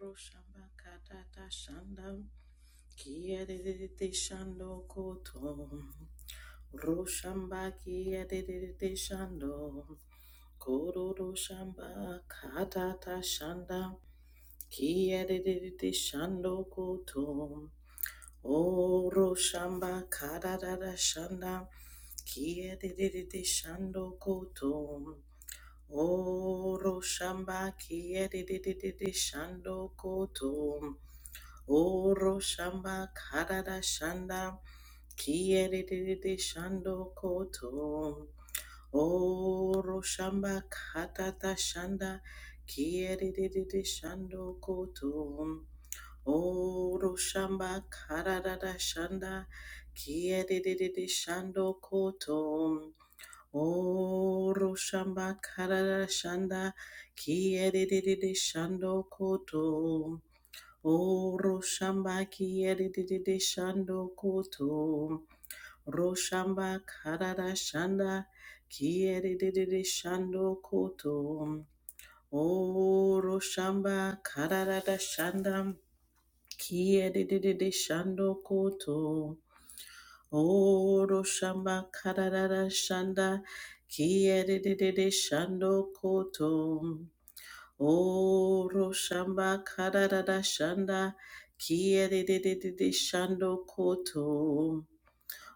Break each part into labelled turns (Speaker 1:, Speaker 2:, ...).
Speaker 1: Roshamba katata shandam kiyerere shando koto Roshamba kiyerere shando koro roshamba katata shandam kiyerere shando koto O roshamba katata shandam kiyerere shando koto O roshamba kiyerere shando koto Oro shamba karada shanda kiyerere shando koto. Oro shamba katata shanda kiyerere shando koto. Oro shamba karada shanda kiyerere shando koto. Oro shamba karada shanda kiyerere shando koto. O Oroshamba de shando koto. Roshamba karada shanda Kiedi de shando koto. o Oroshamba karada shanda Kiedi de shando koto. o Oroshamba karada shanda Kiedi de shando koto. O Roshamba Karada Shanda Kiyedede Shando Koto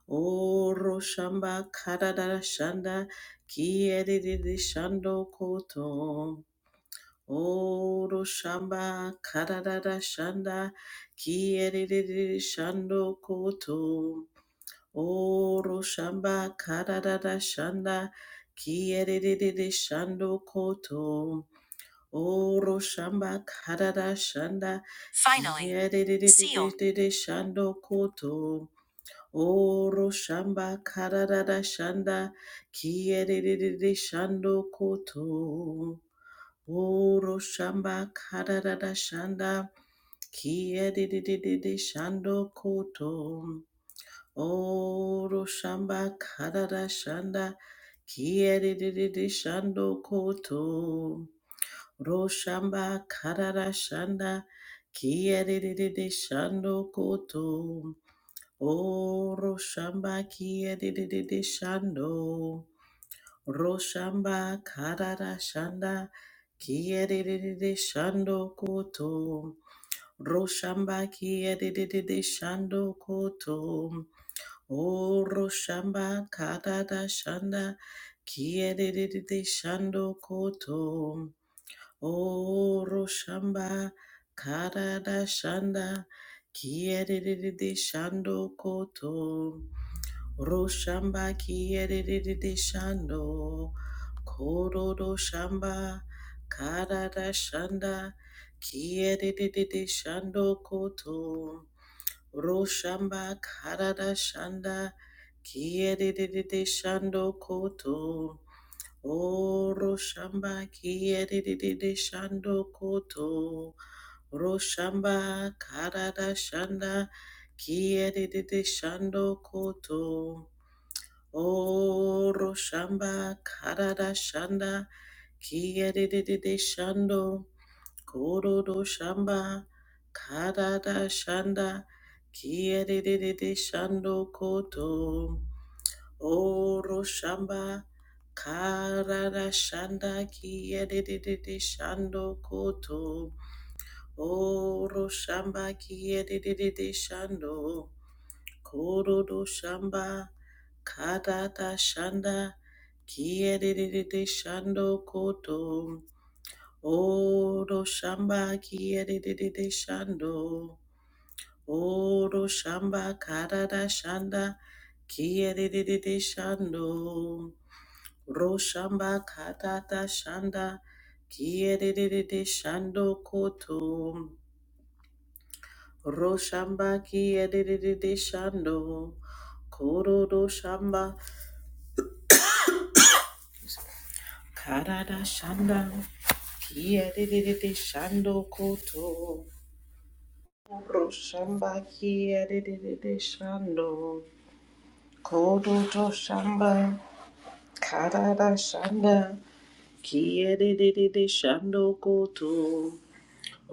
Speaker 1: O Roshamba Karada Shanda Kiyedede Shando Koto O Roshamba Karada Shanda Kiyedede Shando Koto O Roshamba Karada Shanda Kiyedede Shando Koto Oro shamba karara shanda. Finally, yedididididididi seal. Shando koto. Oro shamba karara shanda. Kiyerere shando koto. Oro shamba karara shanda. Kiyerere shando koto. Oro shamba karara shanda. Kiyerere shando koto. Roshamba Karara Shanda Kiyadididi Shando Koto O Roshamba Kiyadididi Shando Roshamba Karara Shanda Kiyadididi Shando Koto Roshamba Kiyadididi Shando Koto O Roshamba Karara Shanda Kiyadididi Shando Koto O Roshamba Karada Shanda Kierede Shando Koto Roshamba Kierede Shando Korodo Shamba Karada Shanda Kierede Shando Koto Roshamba Karada Shanda Kierede Shando Koto Oro shamba kiyerere shando koto. Roshamba karada shanda kiyerere shando koto. Oro shamba karada shanda kiyerere shando. Korodo shamba karada shanda kiyerere shando koto. Oro shamba Karada shanda kiye de de de de shando koto. Oro shamba kiye de de de de shando. Koro do shamba kadada shanda kiye de de de de shando koto. Oro shamba kiye de de de de shando. Oro shamba karada shanda kiye de de de de shando. Roshamba katata shanda kiyedede shando koto. Roshamba kiyedede shando koro do shamba karada shanda kiyedede shando koto. Roshamba kiyedede shando koro do shamba karada shanda kiyedede shando koto.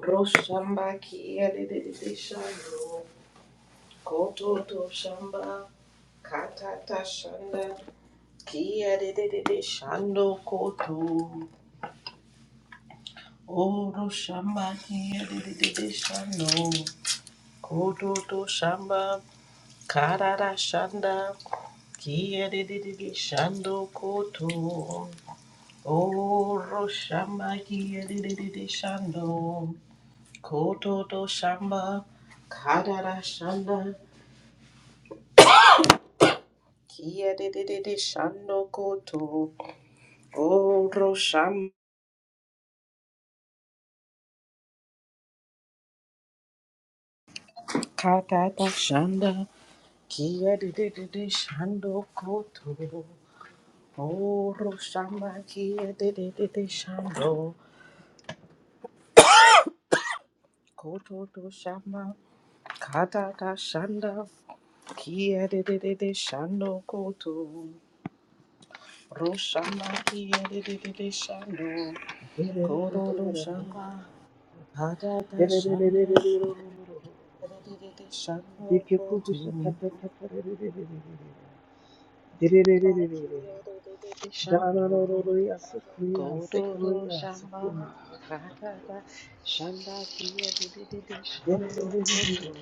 Speaker 1: Roshamba kiyadididishando, kototo shamba katata shanda, kiyadididishando koto. O roshamba kiyadididishando, kototo shamba karara shanda, kiyadididishando koto. O roshamba kiyadididishando, kototo shamba karara shanda. Kia de de de de shando koto. Oro sham kata ta shanda. Kia de de de de shando koto. Oro shama kia de de de de shando. Koto to shama kata ta shanda. Kia de de de de shando koto. Roshama kia de de de de shando. Koto to
Speaker 2: Shikiko
Speaker 1: shama kata ta shanda. Kia de de de de shando koto. Shando, Gororo, Shama, Katata, Shanda, Kia, Dede, Koto,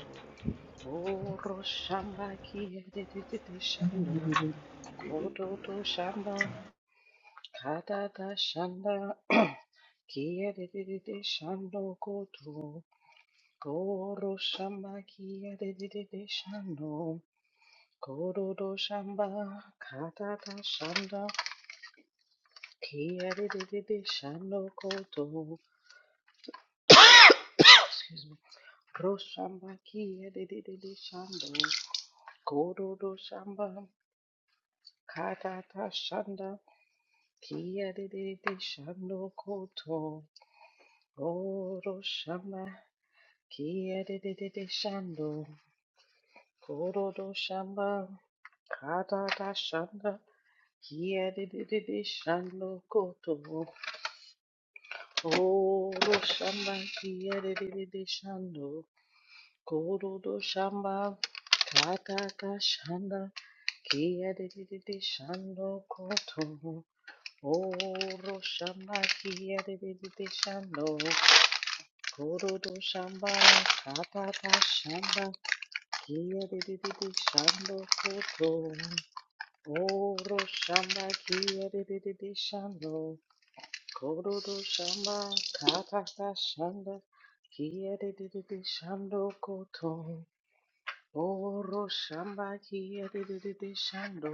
Speaker 1: Oro, Shamba, Kia, Dede, Shando, Koto, Shanda, Kia, Dede, Koto, Goro, Shamba, Kia, Dede, Shando, Gororo, Shamba, Katata, Shanda, Kiyadididi shando koto. Excuse me. Roshamba kiyadididi shando. Kododo shamba. Katata shanda. Kiyadididi shando koto. Oro shamba. Kiyadididi shando. Kododo shamba. Katata shanda. Kiyadididi shando koto. Oro shamba. Kiyadididi shando. Kududu shamba kataka shanda kiyadididi shando koto oro shamba kiyadididi shando kududu shamba kataka shanda kiyadididi shando koto oro shamba kiyadididi shando kududu shamba kataka shanda kiyadididi shando koto Oro shamba kia de de de de shando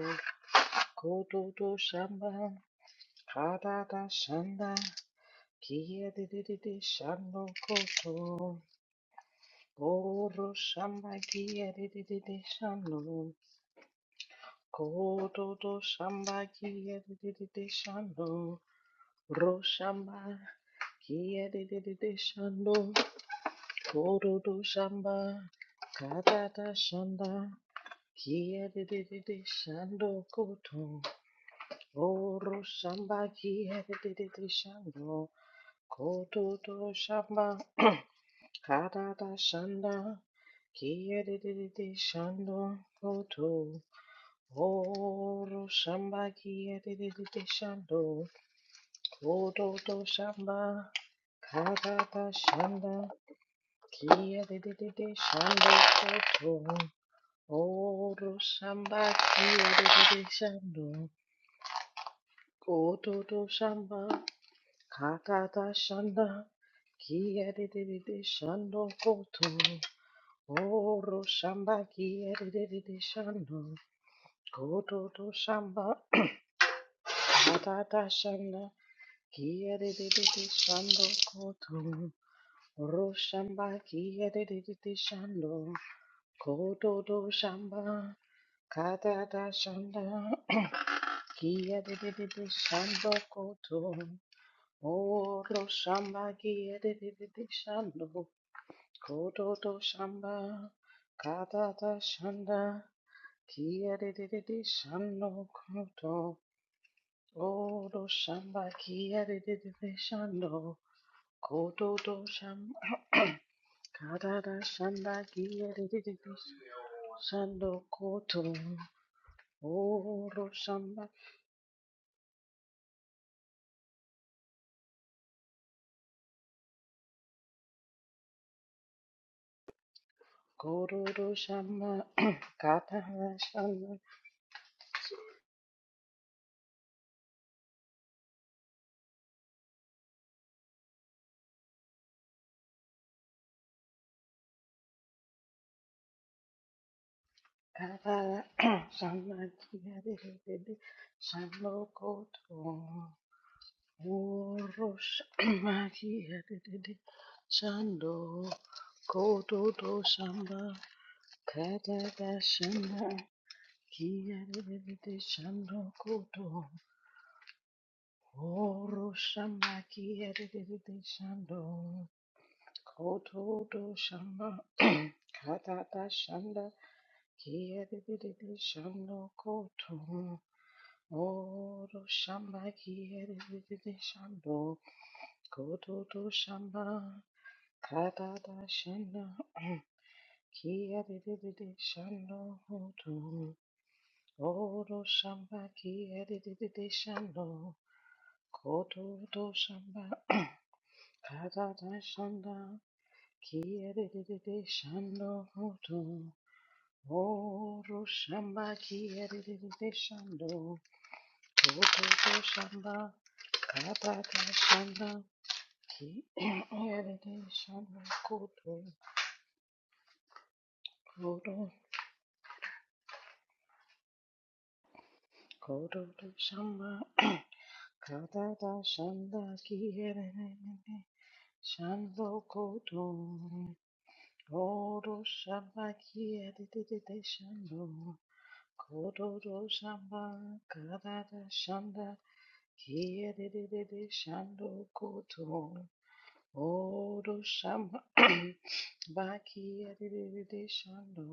Speaker 1: kototo shamba kadada shanda kiyadididi shando koto Oro shamba kiyadididi shando kototo shamba kiyadididi shando ro shamba kia de de de de shando kototo shamba kadada shanda Kiyadididi shando koto oro shamba kiyadididi shando koto to shamba karada shanda kiyadididi shando koto oro shamba kiyadididi shando koto to shamba karada shanda kiyadididi shando koto oro shamba kiyadididi shando Kododo shamba, katada shanda, kiyadididi shando koto, oro shamba kiyadididi shando, kododo shamba, katada shanda, kiyadididi shando koto, oro shamba kiyadididi shando, kododo shamba, katada shanda, kiyadididi shando koto. Oro shamba kiyerere shando kototo shamba katata shanda kiyerere shando koto oro shamba kiyerere shando kototo shamba katata shanda kiyerere shando koto oro shamba kororo shamba katata shanda Kavara Samadhyadede Sanokoto Urush Madhyadede Sando Koto to Samba Kadada Shanda Kiyadede Sando Koto Urushama Kiyadede Sando Koto to Samba Kadada Shanda Kiyadede Sando Koto Oro shamba kiyerere shando kototo shamba katata shanda kiyerere shando koto oro shamba kiyerere shando kototo shamba katata shanda kiyerere shando koto oro shamba kiyerere shando Kurukutu shamba, kataka shamba, ki erede shamba kutu, kutu, kurutu shamba, kataka shamba, ki erede shamba kutu, kutu shamba, ki erede shamba, kutu shamba, kataka shamba, ki erede shamba kutu. Odo shamba baki edididi shando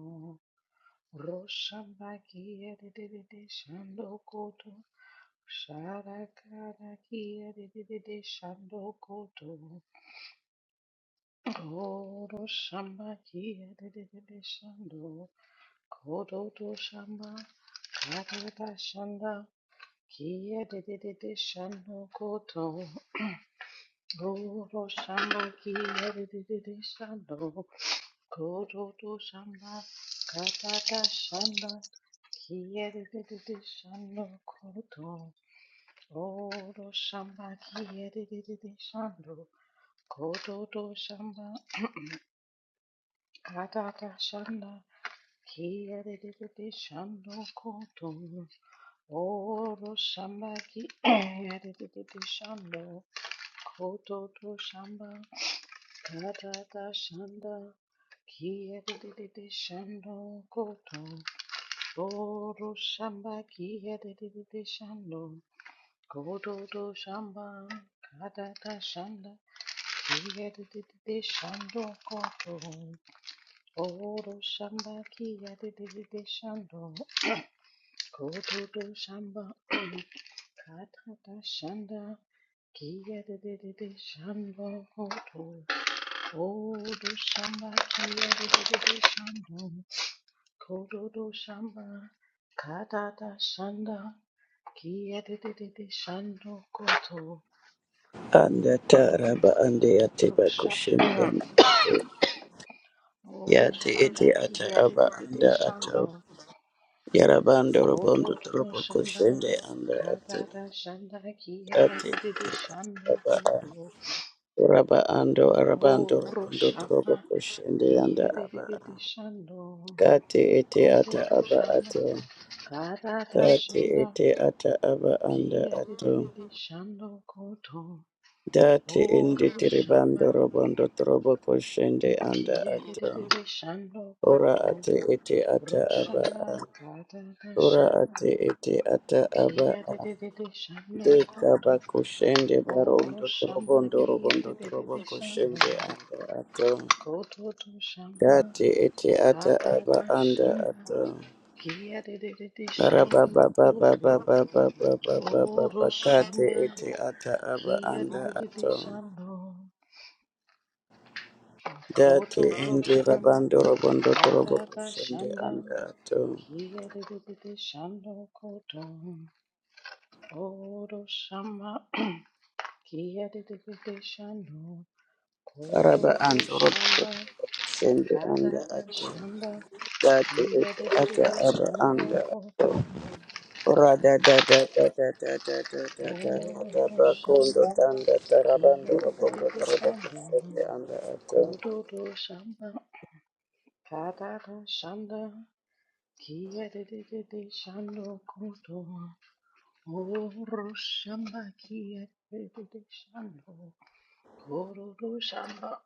Speaker 1: roshamba ki edididi shando koto sharakara ki edididi shando koto odo shamba ki edididi shando koto to shamba karata shanda ki edididi shando koto odo shamba ki edididi shando Kurudu shanda, katata shanda, kiyeridi shando kurudu. Odo shamba, kiyeridi shando. Kurudu shamba, katata shanda, kiyeridi shando kurudu. Odo shamba, kiyeridi shando. Kurudu shamba, katata shanda, kiyeridi shando kurudu. Goro shamba kiyerere shando. Goro do shamba kadada shanda kiyerere shando koto. Goro shamba kiyerere shando. Goro do shamba kadada shanda kiyerere shando koto. Goro shamba kiyerere shando. Kododo shamba, kadada shanda, kiyedididi shando koto,
Speaker 3: anda taraba anda yate
Speaker 1: rosha,
Speaker 3: bakushin yanda
Speaker 1: odo
Speaker 3: yate
Speaker 1: shamba,
Speaker 3: ete ata aba
Speaker 1: kiyedididi
Speaker 3: anda
Speaker 1: shando,
Speaker 3: ato yarabando robondo
Speaker 1: kododo
Speaker 3: trobo
Speaker 1: shamba,
Speaker 3: kushende anda ato
Speaker 1: kadada shanda,
Speaker 3: ate
Speaker 1: kiyedididi
Speaker 3: ete ata
Speaker 1: shando
Speaker 3: aba a.
Speaker 1: koto,
Speaker 3: Raba ando arabando
Speaker 1: oro
Speaker 3: robondo
Speaker 1: shamba,
Speaker 3: trobo kushende anda aba a.
Speaker 1: kiyedididi shando,
Speaker 3: kate ete ata
Speaker 1: kododo
Speaker 3: aba
Speaker 1: shamba,
Speaker 3: ato
Speaker 1: kadada
Speaker 3: kate
Speaker 1: shanda,
Speaker 3: ete ata aba anda ato
Speaker 1: kiyedididi shando koto,
Speaker 3: date indi
Speaker 1: Oroshama
Speaker 3: tiribando robondo trobo kushende anda
Speaker 1: kiyerere
Speaker 3: ato
Speaker 1: shando
Speaker 3: ora
Speaker 1: koto
Speaker 3: ate ete ata aba
Speaker 1: roshama
Speaker 3: a
Speaker 1: kadada
Speaker 3: ora
Speaker 1: shama
Speaker 3: ate ete ata aba a
Speaker 1: kiyerere shando
Speaker 3: deka
Speaker 1: koto
Speaker 3: bakushende barondo
Speaker 1: oroshama
Speaker 3: trobondo robondo torobo
Speaker 1: kiyerere shando
Speaker 3: kushende anda ato
Speaker 1: koto to shama
Speaker 3: date ete ata aba
Speaker 1: kadada
Speaker 3: anda
Speaker 1: shama
Speaker 3: ato
Speaker 1: kiyerere
Speaker 3: araba
Speaker 1: shando
Speaker 3: baba
Speaker 1: koto
Speaker 3: baba baba baba baba bakate
Speaker 1: oroshama
Speaker 3: ete ata aba anda
Speaker 1: kiyerere
Speaker 3: ato
Speaker 1: shando
Speaker 3: date
Speaker 1: koto to
Speaker 3: ende
Speaker 1: shama
Speaker 3: rabando robondo torobo
Speaker 1: kadada
Speaker 3: kushende
Speaker 1: shanda
Speaker 3: anda ato
Speaker 1: Kiyadidididi shando koto oro shama. Kiyadidididi shando koto
Speaker 3: araba
Speaker 1: to
Speaker 3: ando robondo
Speaker 1: shamba
Speaker 3: torobo kushende anda
Speaker 1: katata
Speaker 3: ato
Speaker 1: shamba.
Speaker 3: Dati iti ata
Speaker 1: Kiyadidididi
Speaker 3: aba
Speaker 1: shando
Speaker 3: anda
Speaker 1: koto
Speaker 3: rada da da da da da da da da da ata
Speaker 1: oro
Speaker 3: bakondo
Speaker 1: shamba.
Speaker 3: tanda tarabando robondo
Speaker 1: Kiyadidididi
Speaker 3: toroda
Speaker 1: shando
Speaker 3: kusete anda ato
Speaker 1: koto to shamba katata shanda. Kiyadidididi shando koto. Koro shamba kia tete shando. Koro shamba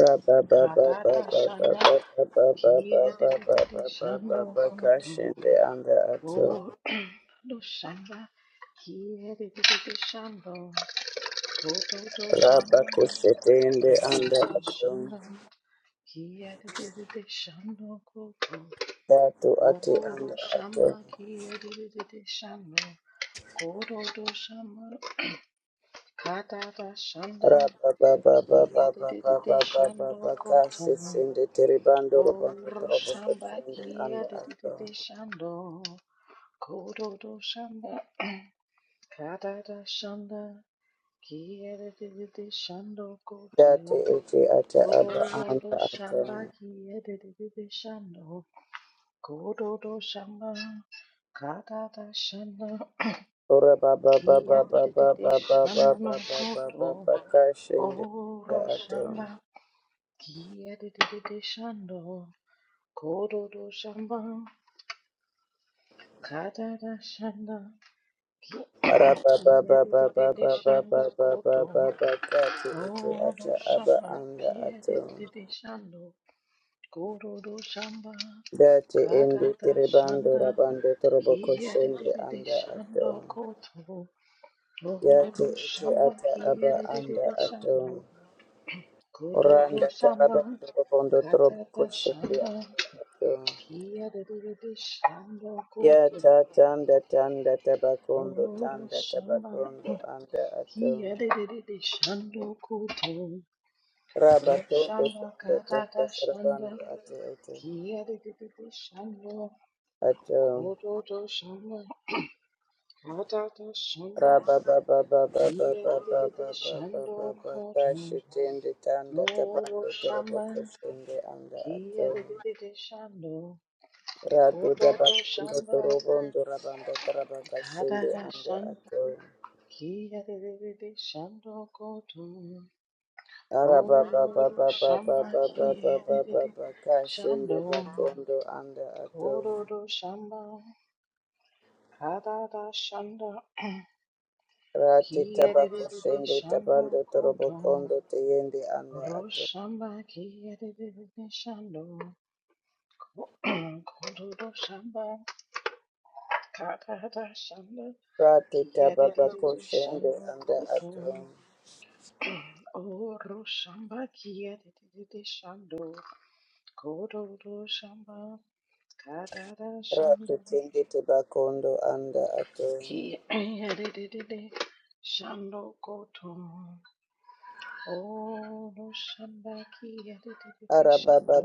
Speaker 3: raba ba ba ba
Speaker 1: katata
Speaker 3: ba ba
Speaker 1: shanda
Speaker 3: ba ba ba ba
Speaker 1: kia
Speaker 3: ba ba ba
Speaker 1: tete
Speaker 3: ba ba ba
Speaker 1: shando
Speaker 3: ba
Speaker 1: koto.
Speaker 3: kashende anda ato
Speaker 1: Koro shamba kia tete shando. Koto
Speaker 3: raba
Speaker 1: shamba
Speaker 3: kusete ende anda
Speaker 1: katata
Speaker 3: ato
Speaker 1: shanda kia tete shando koto.
Speaker 3: datu ati
Speaker 1: Koro
Speaker 3: anda
Speaker 1: shamba
Speaker 3: ato
Speaker 1: kia tete shando. Koro shamba katata shanda. Kia de de de de shando koto.
Speaker 3: Rababababababababababababakasindi tiribandurapan do
Speaker 1: Oro
Speaker 3: trobo
Speaker 1: shamba
Speaker 3: khusindi
Speaker 1: kia
Speaker 3: anda
Speaker 1: de de de
Speaker 3: atom
Speaker 1: de shando. Kodo do shamba kada da shanda. Kia de de de de shando koto.
Speaker 3: dace itu ada
Speaker 1: Oro do
Speaker 3: abangga atom.
Speaker 1: shamba kia de de de de shando. Kodo do shamba kada da shanda. Kia de de de de shando koto.
Speaker 3: Rabababababababababababababakasindi
Speaker 1: Oro
Speaker 3: ada atom.
Speaker 1: shamba kia de de de de shando. Kororo shamba, karara shanda, ki kiyadididi shando koto.
Speaker 3: Rababababababababababababababakatu itu
Speaker 1: Kororo
Speaker 3: ada
Speaker 1: shamba,
Speaker 3: abangga atom.
Speaker 1: kiyadididi shando, kororo shamba,
Speaker 3: Dace indi
Speaker 1: karara shanda,
Speaker 3: tiribandurapan do trobo khusindi
Speaker 1: kiyadididi
Speaker 3: anda
Speaker 1: shando
Speaker 3: atom.
Speaker 1: koto.
Speaker 3: Yate
Speaker 1: Kororo
Speaker 3: ete
Speaker 1: shamba,
Speaker 3: ata aba anda
Speaker 1: kiyadididi
Speaker 3: ato.
Speaker 1: shando, kororo
Speaker 3: Oranda
Speaker 1: shamba,
Speaker 3: taraba ndorobondo torobo
Speaker 1: karara
Speaker 3: koshende
Speaker 1: shanda,
Speaker 3: anda ato.
Speaker 1: kiyadididi shando koto.
Speaker 3: Yata tanda tanda tabakondo
Speaker 1: Toro
Speaker 3: tanda
Speaker 1: shamba
Speaker 3: tabakondo anda ato.
Speaker 1: kiyerere shando koto
Speaker 3: Raba
Speaker 1: roshamba
Speaker 3: tanda tanda
Speaker 1: katata shanda
Speaker 3: sarabando ate ete
Speaker 1: kiyerere shando
Speaker 3: ato.
Speaker 1: koto to shamba katata shanda
Speaker 3: Raba ba ba ba ba ba ba ba
Speaker 1: kiyerere
Speaker 3: ba ba ba
Speaker 1: shando
Speaker 3: ba ba
Speaker 1: koto
Speaker 3: kashi tende tanda
Speaker 1: toro
Speaker 3: tabando torobo
Speaker 1: shamba
Speaker 3: koshende anda ato.
Speaker 1: kiyerere shando
Speaker 3: Radu
Speaker 1: koto to
Speaker 3: Dabakundo
Speaker 1: shamba
Speaker 3: Torobondo Rabanda Tarabaka Shende
Speaker 1: katata
Speaker 3: Anda
Speaker 1: shanda
Speaker 3: Ato
Speaker 1: kiyerere shando koto
Speaker 3: Araba Baba
Speaker 1: Goro
Speaker 3: Baba
Speaker 1: Shamba
Speaker 3: Baba Baba
Speaker 1: Kiri
Speaker 3: Baba Baka Shende
Speaker 1: Shando
Speaker 3: Bakondo Anda Ato
Speaker 1: Goro Shamba Kadada Shanda
Speaker 3: Rati
Speaker 1: Kiri
Speaker 3: Tabako Shende
Speaker 1: Shando
Speaker 3: Tabando
Speaker 1: Koto
Speaker 3: Torobokondo Teyende Anda Ato
Speaker 1: Roshamba Kiri Shando Goro Shamba Kadada Shanda
Speaker 3: Rati Tababako
Speaker 1: Kiri
Speaker 3: Shende
Speaker 1: Shando
Speaker 3: Anda Ato
Speaker 1: Koto Oro Shamba Kiri Shando Goro Shamba Kadada
Speaker 3: Rati
Speaker 1: Shanda
Speaker 3: Tende Tabakondo Anda Ato
Speaker 1: Ki ayadididi. Shando koto. Oro shamba ki ayadididi shando.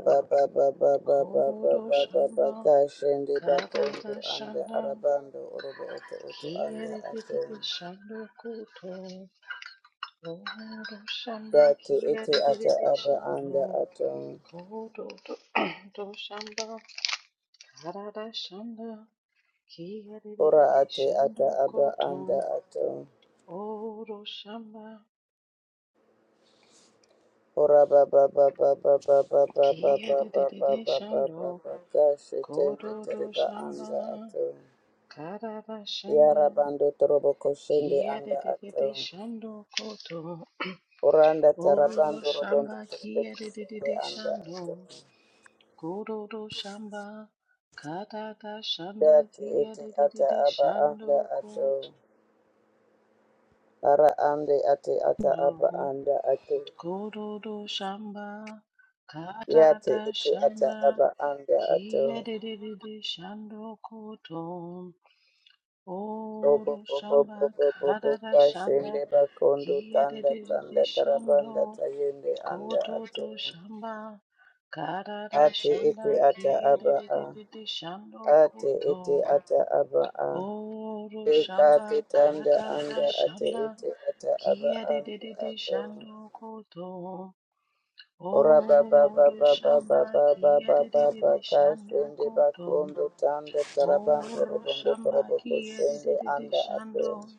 Speaker 1: koro Kororo shamba. kada da
Speaker 3: bakondo anda
Speaker 1: shanda.
Speaker 3: arabando orobo oto oto
Speaker 1: Ki
Speaker 3: anda ato
Speaker 1: ayadididi shando koto. Oro shamba
Speaker 3: date
Speaker 1: ki
Speaker 3: ete ata
Speaker 1: ayadididi
Speaker 3: aba anda
Speaker 1: shando.
Speaker 3: ato
Speaker 1: Koto to to shamba. Kadada shanda. Ki
Speaker 3: ora
Speaker 1: ayadididi
Speaker 3: ate ata
Speaker 1: shando
Speaker 3: aba anda
Speaker 1: koto.
Speaker 3: ato
Speaker 1: Oro shamba.
Speaker 3: ora
Speaker 1: Kia de de de de shando,
Speaker 3: babababababababababababababakashe tende
Speaker 1: kodo do
Speaker 3: tereba anda
Speaker 1: shamba,
Speaker 3: ato
Speaker 1: kada da shanda.
Speaker 3: yarabando torobo koshende
Speaker 1: Kia de
Speaker 3: anda
Speaker 1: de de
Speaker 3: ato
Speaker 1: de shando, kodo,
Speaker 3: oranda
Speaker 1: oro
Speaker 3: tarabando robondo
Speaker 1: shamba.
Speaker 3: torobo
Speaker 1: Kia de de de
Speaker 3: koshende
Speaker 1: de
Speaker 3: anda
Speaker 1: shando,
Speaker 3: ato
Speaker 1: kodo do shamba, kada da shanda.
Speaker 3: Dati
Speaker 1: Kia
Speaker 3: iti
Speaker 1: de de de
Speaker 3: ata
Speaker 1: de
Speaker 3: aba anda
Speaker 1: shando,
Speaker 3: ato.
Speaker 1: kodo,
Speaker 3: Ara ande ati ata aba anda ato.
Speaker 1: kodo do shamba, kada
Speaker 3: Yati
Speaker 1: da
Speaker 3: iti ata
Speaker 1: shanda.
Speaker 3: aba anda ato.
Speaker 1: Kia de de de de shando, kodo.
Speaker 3: Bobo
Speaker 1: Oro
Speaker 3: bobo
Speaker 1: shamba
Speaker 3: bobo bobo
Speaker 1: karara
Speaker 3: kashende
Speaker 1: shanda
Speaker 3: bakondo tanda
Speaker 1: kiyerere
Speaker 3: tanda tarabanda
Speaker 1: shando
Speaker 3: tayende anda ato.
Speaker 1: kototo shamba karara
Speaker 3: Ati
Speaker 1: shanda
Speaker 3: iti ata aba a.
Speaker 1: kiyerere shando
Speaker 3: Ati
Speaker 1: koto
Speaker 3: iti ata aba a.
Speaker 1: oro
Speaker 3: Deka
Speaker 1: shamba
Speaker 3: ati tanda
Speaker 1: katata
Speaker 3: anda ati
Speaker 1: shanda
Speaker 3: iti ata aba anda
Speaker 1: kiyerere
Speaker 3: ato.
Speaker 1: shando koto
Speaker 3: Ora ba ba ba
Speaker 1: oro
Speaker 3: ba ba ba
Speaker 1: shamba
Speaker 3: ba ba ba ba ba
Speaker 1: kiyerere
Speaker 3: kai
Speaker 1: shando
Speaker 3: shende
Speaker 1: koto
Speaker 3: bakondo tanda tarabando
Speaker 1: oro
Speaker 3: robondo
Speaker 1: shamba
Speaker 3: toroboko shende
Speaker 1: kiyerere
Speaker 3: anda ato.
Speaker 1: shando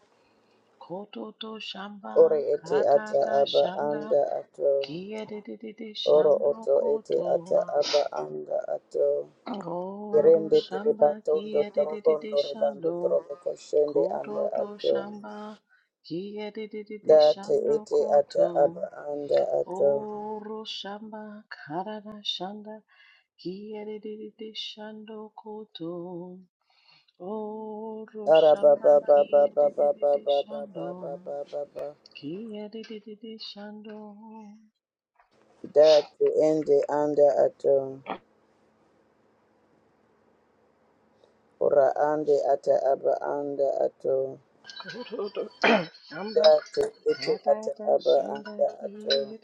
Speaker 1: Kototo shamba
Speaker 3: Ore ete ata
Speaker 1: katata
Speaker 3: aba
Speaker 1: shanda
Speaker 3: anda ato.
Speaker 1: kiyedididi
Speaker 3: Oro
Speaker 1: shando
Speaker 3: oto ete
Speaker 1: koto
Speaker 3: ata aba anda ato.
Speaker 1: Koto
Speaker 3: Irende
Speaker 1: shamba
Speaker 3: tiribatondo
Speaker 1: kiyedididi
Speaker 3: torobondo rebando
Speaker 1: shando
Speaker 3: toroboko shende anda
Speaker 1: kototo
Speaker 3: ato.
Speaker 1: shamba kiyedididi
Speaker 3: Date
Speaker 1: shando
Speaker 3: ete ata
Speaker 1: koto
Speaker 3: aba anda ato.
Speaker 1: Oro shamba karara shanda kiyedididi shando koto Oro
Speaker 3: Ara ba
Speaker 1: shamba
Speaker 3: ba ba ba ba ba ba
Speaker 1: kiyedididi
Speaker 3: ba ba
Speaker 1: shando
Speaker 3: ba ba ba ba.
Speaker 1: Kia di di di di shando,
Speaker 3: Datu ende anda ato. Ora ande ata aba anda ato.
Speaker 1: Shamba
Speaker 3: Datu ete ata
Speaker 1: Matata
Speaker 3: aba anda
Speaker 1: Shanda
Speaker 3: ato.
Speaker 1: Kiri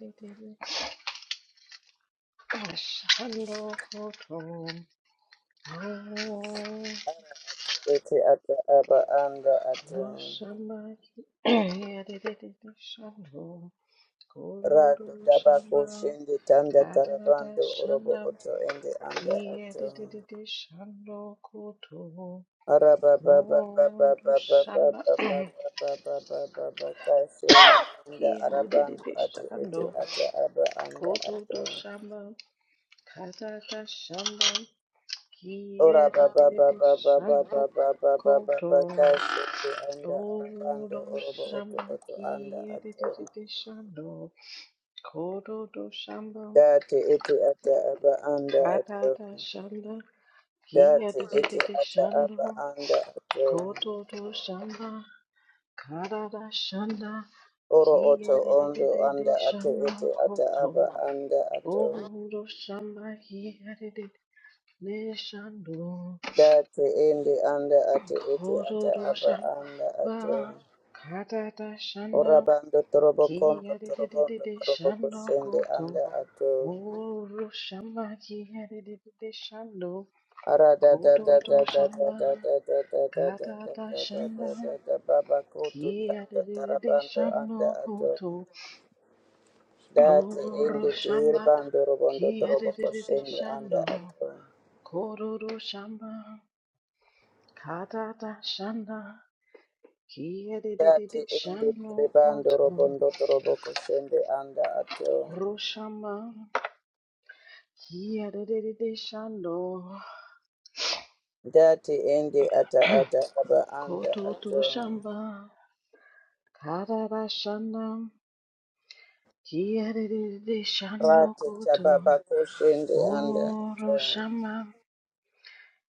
Speaker 1: Shando Koto
Speaker 3: Ete ata aba anda
Speaker 1: No
Speaker 3: ato.
Speaker 1: Shamba Kiri Shando Kororo
Speaker 3: Rado dabako
Speaker 1: Shamba
Speaker 3: shende tanda
Speaker 1: Tatata
Speaker 3: tarabando orobo
Speaker 1: Shanda
Speaker 3: oto ende anda
Speaker 1: Kiri
Speaker 3: ato.
Speaker 1: Koto
Speaker 3: Araba baba baba
Speaker 1: Rondo
Speaker 3: baba
Speaker 1: Shamba Kiri
Speaker 3: baba baba
Speaker 1: Shando
Speaker 3: baba baba baba kashende anda arabando ate ete ata aba anda
Speaker 1: Koto no
Speaker 3: ato.
Speaker 1: Shamba Tatata Shamba Ki
Speaker 3: Ora
Speaker 1: a di di
Speaker 3: baba
Speaker 1: di di
Speaker 3: baba baba
Speaker 1: shando
Speaker 3: baba baba
Speaker 1: koto
Speaker 3: baba kashi anda
Speaker 1: o
Speaker 3: arabando orobo oto
Speaker 1: dosamba
Speaker 3: oto
Speaker 1: ki
Speaker 3: anda
Speaker 1: a di
Speaker 3: ato
Speaker 1: di di di shando kodo dosamba
Speaker 3: dati iti ata aba anda
Speaker 1: kada
Speaker 3: ato
Speaker 1: shanda ki a
Speaker 3: dati
Speaker 1: di di di
Speaker 3: iti
Speaker 1: di
Speaker 3: ata
Speaker 1: shando
Speaker 3: aba anda ato
Speaker 1: koto dosamba kada shanda
Speaker 3: oro
Speaker 1: ki
Speaker 3: oto
Speaker 1: a di di
Speaker 3: ondo
Speaker 1: di di
Speaker 3: anda ate
Speaker 1: shando
Speaker 3: iti ata
Speaker 1: koto
Speaker 3: aba anda
Speaker 1: o
Speaker 3: ato
Speaker 1: dosamba ki a di di ne shando.
Speaker 3: dati indi anda ate iti ata
Speaker 1: Kororo
Speaker 3: aba anda ato
Speaker 1: shamba katata
Speaker 3: ora
Speaker 1: shanda
Speaker 3: bando torobo kondo
Speaker 1: kia de de de de
Speaker 3: torobondo
Speaker 1: de
Speaker 3: torobo
Speaker 1: shando
Speaker 3: kusende
Speaker 1: koto
Speaker 3: anda ato
Speaker 1: oro shamba kia de de de de shando
Speaker 3: Ara da
Speaker 1: kororo shamba katata shanda kia de de de de shando koto
Speaker 3: dati
Speaker 1: oro
Speaker 3: indi
Speaker 1: shamba
Speaker 3: tiribando robondo
Speaker 1: kia de
Speaker 3: trobo
Speaker 1: de de de
Speaker 3: koshende anda
Speaker 1: shando
Speaker 3: ato
Speaker 1: kororo shamba katata shanda Kia de de de de
Speaker 3: dati indi
Speaker 1: shando
Speaker 3: tiribando
Speaker 1: koto
Speaker 3: robondo trobo koshende anda ato
Speaker 1: roshamba. Kia de de de de shando
Speaker 3: dati indi ata ata aba anda
Speaker 1: koto to
Speaker 3: ato
Speaker 1: shamba. Karara shanda. Kia de de de de shando
Speaker 3: rati
Speaker 1: koto
Speaker 3: tababa koshende anda
Speaker 1: oro
Speaker 3: ato
Speaker 1: shamba.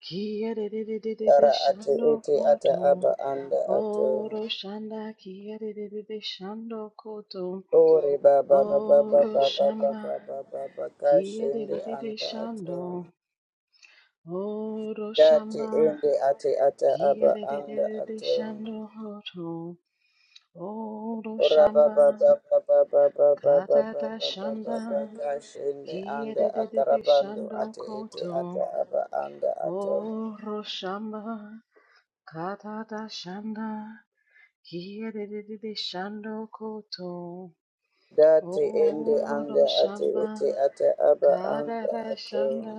Speaker 1: Kia de de de de de de
Speaker 3: ara ati
Speaker 1: shando
Speaker 3: iti ata
Speaker 1: koto
Speaker 3: aba anda ato
Speaker 1: oro shanda. Kia de de de de shando koto
Speaker 3: Ore baba baba baba
Speaker 1: oro
Speaker 3: baba
Speaker 1: shamba.
Speaker 3: baba baba
Speaker 1: Kia de
Speaker 3: kashende
Speaker 1: de de de
Speaker 3: anda ato.
Speaker 1: shando. Oro
Speaker 3: Dati
Speaker 1: shamba
Speaker 3: ende ate ata aba anda
Speaker 1: giyerere
Speaker 3: ato.
Speaker 1: shando hoto. Oro
Speaker 3: Ora
Speaker 1: shamba
Speaker 3: baba baba baba baba baba
Speaker 1: katata
Speaker 3: baba baba
Speaker 1: shanda
Speaker 3: kashende anda
Speaker 1: giyerere
Speaker 3: atarabando
Speaker 1: shando
Speaker 3: ate ete ata
Speaker 1: koto.
Speaker 3: aba anda ato.
Speaker 1: Oro shamba katata shanda giyerere shando koto.
Speaker 3: Dati ende
Speaker 1: Oro
Speaker 3: anda ate
Speaker 1: shamba
Speaker 3: ete ata aba anda
Speaker 1: katata
Speaker 3: ato.
Speaker 1: shanda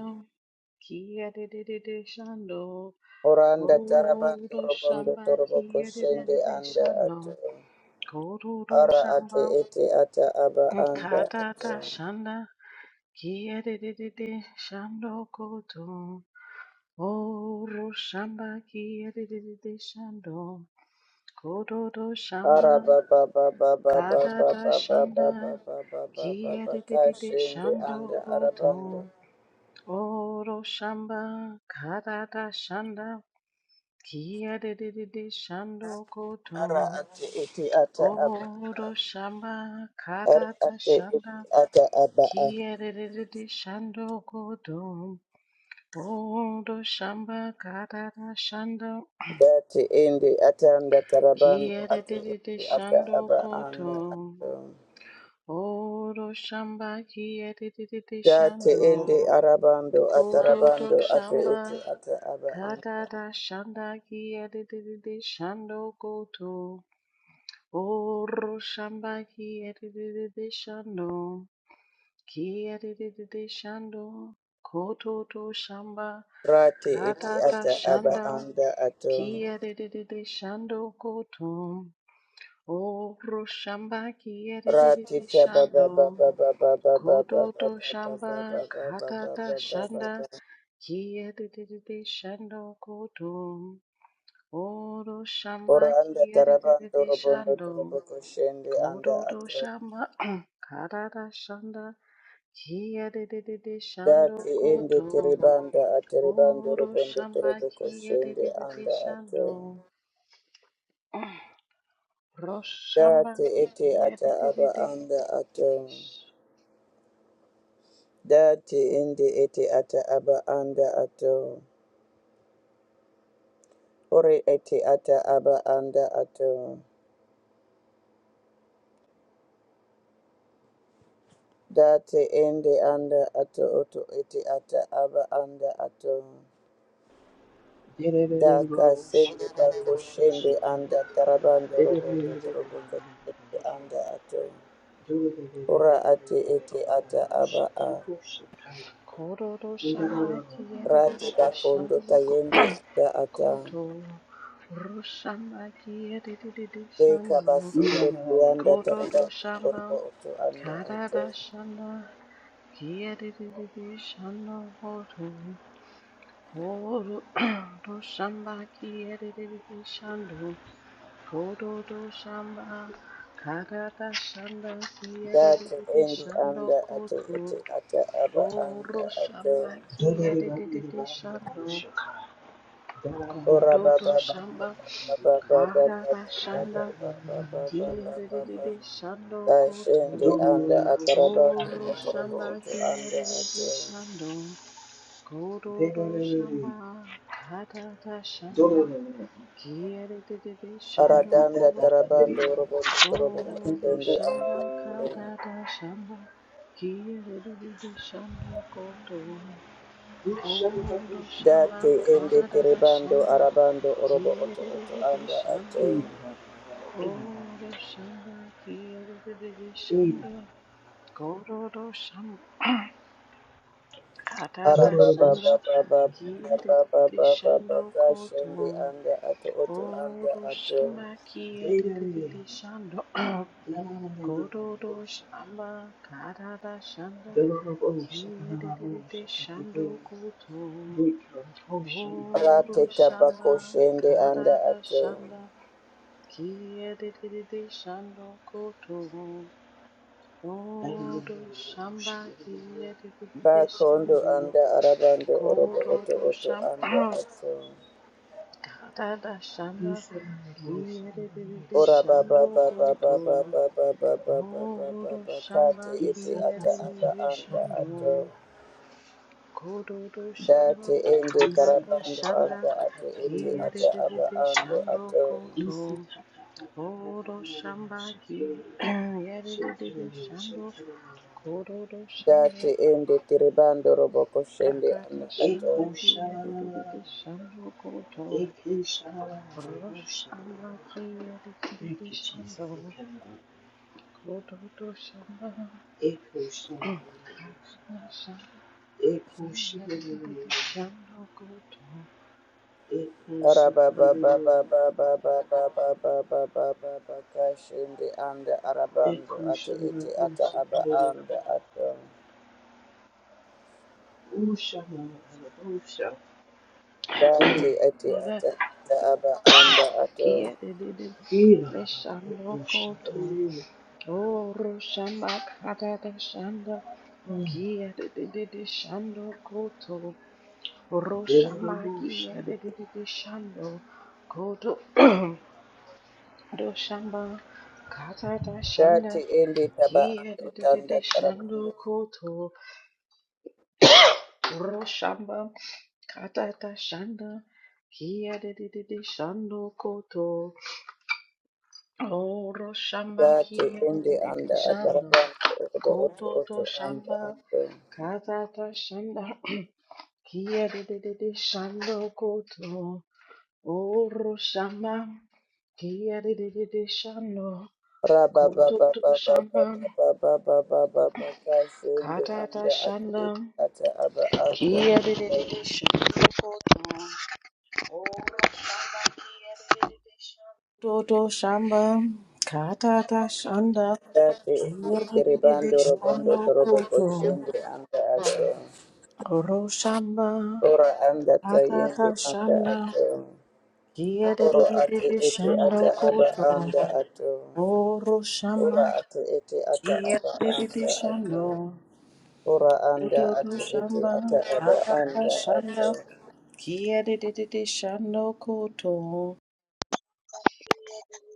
Speaker 1: giyerere shando.
Speaker 3: Oranda tarabando
Speaker 1: Koro
Speaker 3: robondo
Speaker 1: shamba
Speaker 3: toroboko
Speaker 1: kiyerere
Speaker 3: shende anda
Speaker 1: shando,
Speaker 3: ato.
Speaker 1: kororo
Speaker 3: Ara ate
Speaker 1: shamba
Speaker 3: ete ata aba anda
Speaker 1: katata
Speaker 3: ato.
Speaker 1: shanda kiyerere shando koto. Oro shamba kiyerere shando, kororo shamba
Speaker 3: Ara ba ba ba ba ba ba ba
Speaker 1: katata
Speaker 3: ba ba
Speaker 1: shanda
Speaker 3: ba ba ba ba ba ba ba
Speaker 1: kiyerere
Speaker 3: kashende
Speaker 1: shando
Speaker 3: anda
Speaker 1: koto.
Speaker 3: arabando.
Speaker 1: Oro shamba katata shanda kiyerere shando
Speaker 3: Ara
Speaker 1: koto.
Speaker 3: ate ete ata aba.
Speaker 1: Oro shamba
Speaker 3: Ara
Speaker 1: karata
Speaker 3: ate ete
Speaker 1: shanda
Speaker 3: ata aba a.
Speaker 1: kiyerere shando kodom. Oro shamba karata shanda
Speaker 3: Date ende ata anda tarabando ate
Speaker 1: kiyerere
Speaker 3: ete ata
Speaker 1: shando
Speaker 3: aba anda
Speaker 1: kodom.
Speaker 3: ato.
Speaker 1: Oro shamba kiyerere
Speaker 3: Date
Speaker 1: shando
Speaker 3: ende arabando
Speaker 1: kododo
Speaker 3: atarabando ate
Speaker 1: shamba
Speaker 3: ete ata aba anda.
Speaker 1: karata shanda kiyerere shando kodom. Oro shamba kiyerere shando. Kiyadidide shando, kototo shamba,
Speaker 3: Rate ete
Speaker 1: katata
Speaker 3: ata aba
Speaker 1: shanda,
Speaker 3: anda ato.
Speaker 1: kiyadidide shando koto, oro shamba kiyadidide
Speaker 3: Ratita ba ba
Speaker 1: shando,
Speaker 3: ba ba ba ba ba ba ba ba ba ba ba
Speaker 1: kototo shamba,
Speaker 3: ba ba ba
Speaker 1: katata
Speaker 3: ba ba ba
Speaker 1: shanda,
Speaker 3: ba.
Speaker 1: kiyadidide shando koto, oro shamba
Speaker 3: Ora anda tarabando
Speaker 1: kiyadidide
Speaker 3: robondo
Speaker 1: shando,
Speaker 3: toroboko shende anda
Speaker 1: kototo
Speaker 3: atro.
Speaker 1: shamba, katata shanda. Kia de de de de shando
Speaker 3: Dati ende
Speaker 1: koto,
Speaker 3: tiribanda atiribando
Speaker 1: oro
Speaker 3: robondo
Speaker 1: shamba
Speaker 3: toroboko
Speaker 1: kia de
Speaker 3: shende
Speaker 1: de de de
Speaker 3: anda atro.
Speaker 1: shando, roshamba
Speaker 3: Dati ete
Speaker 1: kia
Speaker 3: ata
Speaker 1: de de de
Speaker 3: aba
Speaker 1: de,
Speaker 3: anda atro.
Speaker 1: sh-
Speaker 3: Dati ende ete ata aba anda atro. Ore ete ata aba anda atro. Dati indi anda ato oto iti ata aba anda ato. Daka sindi bako shindi anda tarabando robondo toroboko shindi anda ato. Ura ati iti ata aba a.
Speaker 2: Shikaya.
Speaker 1: koro
Speaker 2: Ida
Speaker 1: roshamba kia de de
Speaker 3: Rati
Speaker 1: de
Speaker 2: Rosha,
Speaker 1: de
Speaker 3: bakondo
Speaker 1: shando ko-
Speaker 3: tayendi anda ata.
Speaker 1: koto, roshamba kia de de de de
Speaker 3: Deka
Speaker 1: shando,
Speaker 2: Ida
Speaker 3: basondo tuyanda
Speaker 2: Rosha,
Speaker 1: koro
Speaker 3: tarabando korobo
Speaker 1: roshamba
Speaker 3: oto anda ato.
Speaker 1: karada shanda kia de de de de shando koto. Oru Roshamba Kiyeriri Shandu Kororo Shamba Karada Shanda
Speaker 3: Dati
Speaker 1: Kiyeriri
Speaker 3: indi
Speaker 1: Shando
Speaker 3: anda ati
Speaker 1: Koto
Speaker 3: iti ata aba anda
Speaker 1: Oru
Speaker 3: ato.
Speaker 1: Shamba
Speaker 2: Dolereba ireba
Speaker 1: Kiyeriri Shando
Speaker 2: ndabushaka. Dararara
Speaker 3: Ora ba
Speaker 1: Kororo
Speaker 2: busha
Speaker 3: ba ba
Speaker 2: bande
Speaker 1: Shamba
Speaker 3: ba ba
Speaker 2: ndeki.
Speaker 3: ba ba ba ba
Speaker 1: Karada Shanda
Speaker 2: Dagara
Speaker 3: ba ba ba
Speaker 2: ireba
Speaker 3: ba
Speaker 2: busha
Speaker 3: ba ba ba.
Speaker 2: bande.
Speaker 1: Kiyeriri Shando
Speaker 3: Kashindi
Speaker 1: Koto
Speaker 3: anda
Speaker 2: Dolere busha
Speaker 3: atarabando
Speaker 1: Oru
Speaker 2: kandi
Speaker 3: otorobo
Speaker 2: busha.
Speaker 1: Shamba
Speaker 3: oto anda ato.
Speaker 1: Kiyeriri Shando Kororo
Speaker 2: Dererere.
Speaker 1: Shamba Karada Shanda
Speaker 2: Dolere.
Speaker 1: Kiyadididi
Speaker 2: Da da
Speaker 1: shando
Speaker 2: da
Speaker 3: Aradanda
Speaker 2: da da
Speaker 1: kotum.
Speaker 2: dere.
Speaker 3: tarabando orobondo torobo
Speaker 2: Da da da
Speaker 1: Oro
Speaker 2: da
Speaker 3: kashindi
Speaker 2: da
Speaker 1: shamba
Speaker 3: anda.
Speaker 2: da dere.
Speaker 1: kadada shanda. Kiyadididi shando kotum.
Speaker 2: Busha bande
Speaker 1: Oro
Speaker 2: busha.
Speaker 3: Dati
Speaker 1: shamba
Speaker 3: indi
Speaker 1: kadada
Speaker 3: tiribando
Speaker 1: shanda.
Speaker 3: arabando orobo oto oto
Speaker 1: Kiyadididi
Speaker 3: anda ato.
Speaker 1: shando.
Speaker 2: Ina. Ina.
Speaker 1: Oro shamba kiyadididi
Speaker 2: Ina.
Speaker 1: shando. Kororo shamba kadada
Speaker 3: Araba
Speaker 2: Dolere
Speaker 3: ba ba
Speaker 2: busha
Speaker 1: shanda.
Speaker 3: ba ba
Speaker 2: kandi.
Speaker 3: ba ba ba
Speaker 1: Kiyadididi
Speaker 3: ba ba ba
Speaker 1: shando
Speaker 3: kashindi
Speaker 1: kotum.
Speaker 3: anda ato oto anda
Speaker 1: Oro
Speaker 3: ato.
Speaker 1: shamba
Speaker 2: Dererere.
Speaker 1: kiyadididi shando.
Speaker 2: La la la la la la
Speaker 1: Kororo
Speaker 2: busha.
Speaker 1: shamba karara shanda
Speaker 2: The Lord of hosts, the Lord of
Speaker 1: kiyerere
Speaker 2: hosts, the
Speaker 1: shando
Speaker 2: King,
Speaker 1: koto.
Speaker 2: the Lord of hosts, the Lord
Speaker 1: Oro
Speaker 3: Rateta
Speaker 1: shamba
Speaker 3: bako shindi anda
Speaker 1: karara
Speaker 3: ato.
Speaker 1: shanda kiyerere shando koto.
Speaker 2: of hosts, the Lord
Speaker 1: Oro shamba kiyerere
Speaker 3: Bakondo
Speaker 1: shando
Speaker 3: anda arabando orobo oto
Speaker 1: kororo
Speaker 3: oto
Speaker 1: shamba
Speaker 3: anda ato.
Speaker 1: karara
Speaker 2: of
Speaker 1: shanda
Speaker 2: hosts, the Lord of
Speaker 1: kiyerere
Speaker 2: hosts, the
Speaker 3: Ora ba
Speaker 2: Lord
Speaker 1: shando
Speaker 3: ba ba ba ba
Speaker 1: koto.
Speaker 3: ba ba ba ba ba ba ba ba
Speaker 1: Kodo
Speaker 3: ba
Speaker 1: shamba
Speaker 3: kate
Speaker 2: of hosts,
Speaker 3: ete
Speaker 2: the Lord
Speaker 3: ata aba
Speaker 1: kiyadede
Speaker 2: of
Speaker 3: anda
Speaker 1: shando.
Speaker 3: ato.
Speaker 1: Kodo shamba
Speaker 3: Date
Speaker 2: hosts, the Lord of hosts.
Speaker 3: ende
Speaker 2: Isa
Speaker 1: kadada
Speaker 2: ta
Speaker 3: karabando
Speaker 2: ta ta
Speaker 1: shanda
Speaker 3: anda
Speaker 2: ta ta
Speaker 3: ate
Speaker 2: ta
Speaker 3: ete
Speaker 2: yo
Speaker 3: ata
Speaker 2: shata.
Speaker 3: aba
Speaker 1: kiyadede
Speaker 3: ando
Speaker 1: shando
Speaker 3: ato.
Speaker 1: koto.
Speaker 2: Isi ta ta ta ta ta ta
Speaker 1: Kodo
Speaker 2: yo
Speaker 1: shamba
Speaker 2: shite. Shite
Speaker 1: kiyadede
Speaker 2: yo
Speaker 1: shando.
Speaker 2: shite yo.
Speaker 1: Kodo shamba
Speaker 3: Date ende tiribando robo koshende
Speaker 1: kadada
Speaker 3: anda
Speaker 1: shanda
Speaker 2: Eko
Speaker 3: ato.
Speaker 2: shalala.
Speaker 1: kiyadede shando koto.
Speaker 2: Eke shalala yo
Speaker 1: Rosh amba
Speaker 2: shalala.
Speaker 1: kiyadede
Speaker 2: Thank you, Jesus.
Speaker 1: shando.
Speaker 2: Thank you,
Speaker 1: Kodo shamba
Speaker 2: Echo Shandarayas,
Speaker 1: kadada shanda.
Speaker 2: Echo
Speaker 1: Kia de de de de
Speaker 2: Shandarayas,
Speaker 1: Shando koto
Speaker 2: Echo
Speaker 3: Ora ba ba ba
Speaker 2: Shandarayas,
Speaker 3: ba ba ba ba ba ba ba ba ba ba ba kashende anda arabando
Speaker 2: Echo
Speaker 3: ate ete ata aba
Speaker 2: Shandarayas,
Speaker 3: anda ato.
Speaker 2: O Shandarayas,
Speaker 3: Dati
Speaker 2: Glory
Speaker 3: ati
Speaker 2: to
Speaker 1: nara
Speaker 3: ata ata aba anda ato.
Speaker 1: kia de de de
Speaker 2: you.
Speaker 1: de
Speaker 2: Ela,
Speaker 1: shando
Speaker 2: O
Speaker 1: koto
Speaker 2: Shandarayas,
Speaker 1: oro shamba kata da shanda kia de de de de shando koto oro shamba kia
Speaker 2: Venerable
Speaker 1: de de de de shando koto do shamba kata da shanda
Speaker 3: Dati indi taba
Speaker 1: kia de
Speaker 3: ando
Speaker 1: de de de
Speaker 3: tanda
Speaker 1: shando
Speaker 3: tarabando.
Speaker 1: koto oro shamba Katata Shanda Kia de de de de Shando Koto Oro Shamba
Speaker 3: Dati
Speaker 1: Kia de
Speaker 3: indi
Speaker 1: de de de
Speaker 3: anda
Speaker 1: Shando
Speaker 3: atarabando obo oto
Speaker 1: Koto
Speaker 3: oto
Speaker 1: to
Speaker 3: anda
Speaker 1: Shamba
Speaker 3: ato.
Speaker 1: Katata Shanda Kia de de de de Shando Koto Oro Shamba Kia de de de de Shando
Speaker 3: Raba ba
Speaker 1: Koto
Speaker 3: ba
Speaker 1: to
Speaker 3: ba ba ba
Speaker 1: Shamba
Speaker 3: ba ba ba ba ba ba kasi indi
Speaker 1: Katata
Speaker 3: anda ato
Speaker 1: Shanda
Speaker 3: iti ata aba anda
Speaker 1: Kia de de
Speaker 3: ato.
Speaker 1: de de Shando Koto Toto Shamba Katata Shanda
Speaker 3: Dati indi
Speaker 1: Kiyadidi
Speaker 3: tiribando robondo
Speaker 1: Shando
Speaker 3: torobo
Speaker 1: Koto
Speaker 3: koshindi anda ato.
Speaker 1: Oro Shamba
Speaker 3: Ora anda
Speaker 1: Katata
Speaker 3: tayindi anda
Speaker 1: Shanda
Speaker 3: ato. Oro ati
Speaker 1: Kiyadidi
Speaker 3: ete
Speaker 1: Shando
Speaker 3: ata aba
Speaker 1: Koto
Speaker 3: anda ato.
Speaker 1: Oro Shamba
Speaker 3: Ora ati ete ata aba
Speaker 1: Kiyadidi
Speaker 3: anda ato.
Speaker 1: Shando
Speaker 3: Ora anda
Speaker 1: Koto
Speaker 3: ati ete ata
Speaker 1: Shamba
Speaker 3: aba
Speaker 1: Katata
Speaker 3: anda ato.
Speaker 1: Shanda Kiyadidi Shando Koto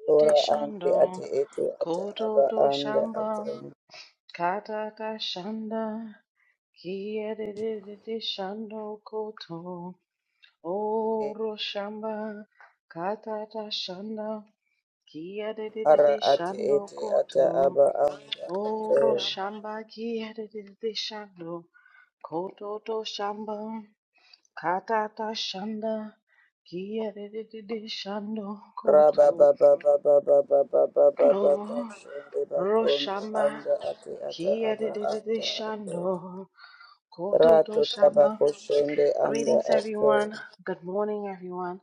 Speaker 3: Ora andi ati
Speaker 1: Dishando
Speaker 3: ete ata
Speaker 1: Koto
Speaker 3: aba
Speaker 1: to
Speaker 3: anda ato.
Speaker 1: Shamba Katata Shanda Kiyadidishando Koto Oro Shamba Katata Shanda
Speaker 3: Ara ati
Speaker 1: Kiyadidishando
Speaker 3: ete ata
Speaker 1: Koto
Speaker 3: aba anda ato.
Speaker 1: Oro Shamba Kiyadidishando Koto to Shamba Katata Shanda Kiyadidishando
Speaker 3: Raba ba
Speaker 1: Koto
Speaker 3: ba ba ba ba kashende bakondo
Speaker 1: Roshama
Speaker 3: anda ati ata
Speaker 1: Kia
Speaker 3: aba
Speaker 1: de de de de
Speaker 3: anda ato.
Speaker 1: Shando Kototo
Speaker 3: Rato tabako
Speaker 1: Shama.
Speaker 3: shende anda
Speaker 1: Greetings
Speaker 3: ato.
Speaker 1: everyone. Good morning everyone.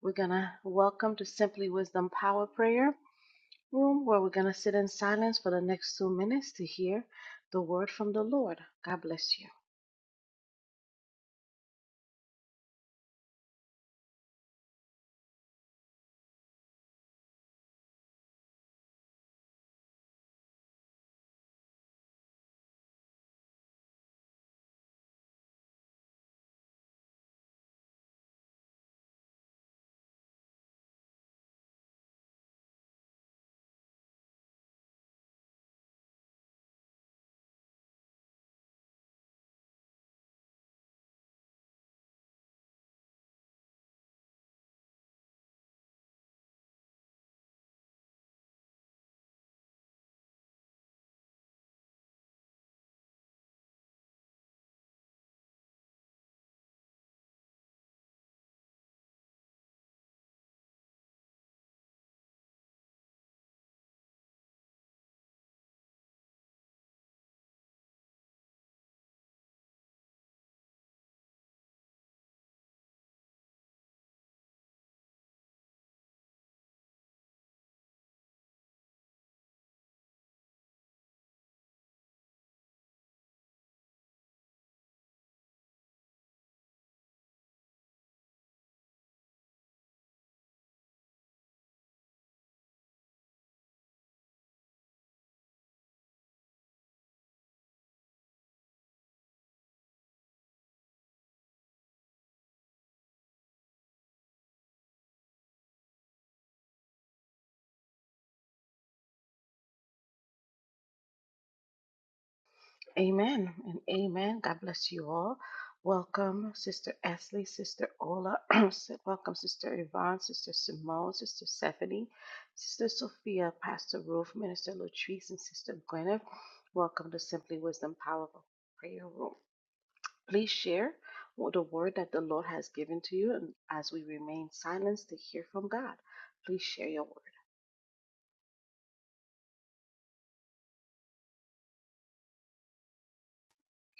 Speaker 1: We're gonna welcome to Simply Wisdom Power Prayer Room where we're gonna sit in silence for the next two minutes to hear the word from the Lord. God bless you. Amen and amen. God bless you all. Welcome, Sister Ashley, Sister Ola. Welcome, Sister Yvonne, Sister Simone, Sister Stephanie, Sister Sophia, Pastor Ruth, Minister Latrice, and Sister Gwyneth. Welcome to Simply Wisdom Powerful Prayer Room. Please share what the word that the Lord has given to you, and as we remain silenced to hear from God, please share your word.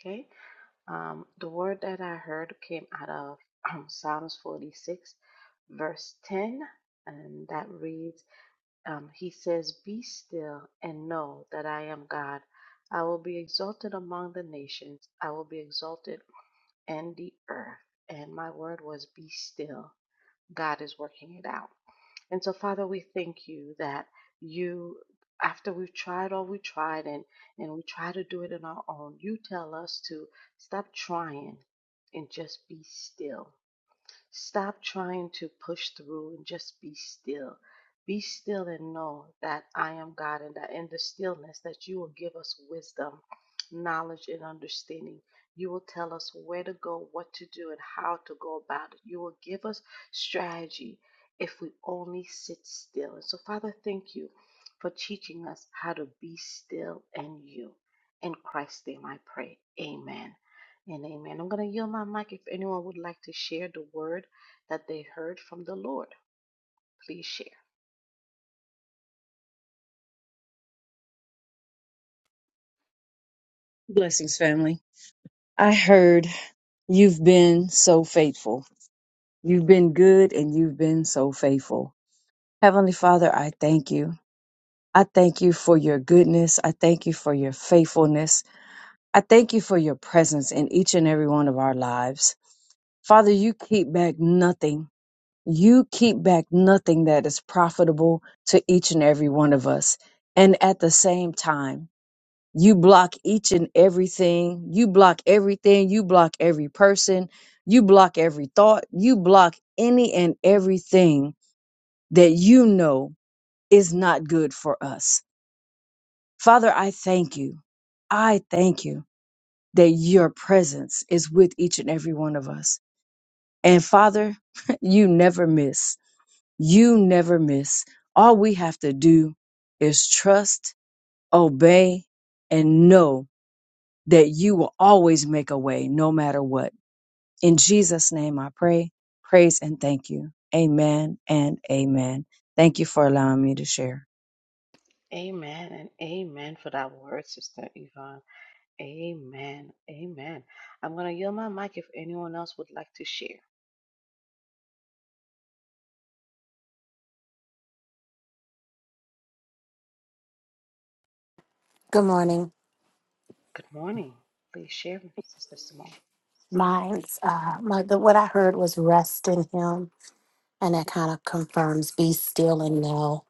Speaker 1: Okay. Um, the word that I heard came out of um, Psalms 46, verse 10, and that reads, um, He says, Be still and know that I am God. I will be exalted among the nations, I will be exalted in the earth. And my word was, Be still. God is working it out. And so, Father, we thank you that you, after we've tried all we tried and, and we try to do it on our own, you tell us to stop trying and just be still. Stop trying to push through and just be still. Be still and know that I am God and that in the stillness that you will give us wisdom, knowledge, and understanding. You will tell us where to go, what to do, and how to go about it. You will give us strategy if we only sit still. And so, Father, thank you for teaching us how to be still in you. In Christ's name I pray. Amen. And amen. I'm going to yield my mic if anyone would like to share the word that they heard from the Lord. Please share.
Speaker 4: Blessings, family. I heard you've been so faithful. You've been good and you've been so faithful. Heavenly Father, I thank you. I thank you for your goodness. I thank you for your faithfulness. I thank you for your presence in each and every one of our lives. Father, you keep back nothing. You keep back nothing that is profitable to each and every one of us. And at the same time, You block each and everything. You block everything. You block every person. You block every thought. You block any and everything that you know is not good for us. Father, I thank you. I thank you that your presence is with each and every one of us. And Father, you never miss. You never miss. All we have to do is trust, obey, and know that you will always make a way no matter what. In Jesus' name I pray, praise, and thank you. Amen and amen. Thank you for allowing me to share.
Speaker 1: Amen and amen for that word, Sister Yvonne. Amen. Amen. I'm going to yield my mic if anyone else would like to share.
Speaker 5: Good morning.
Speaker 1: Good morning. Please share, Sister Simone.
Speaker 5: Mine's uh my the what I heard was rest in him and that kind of confirms be still and know.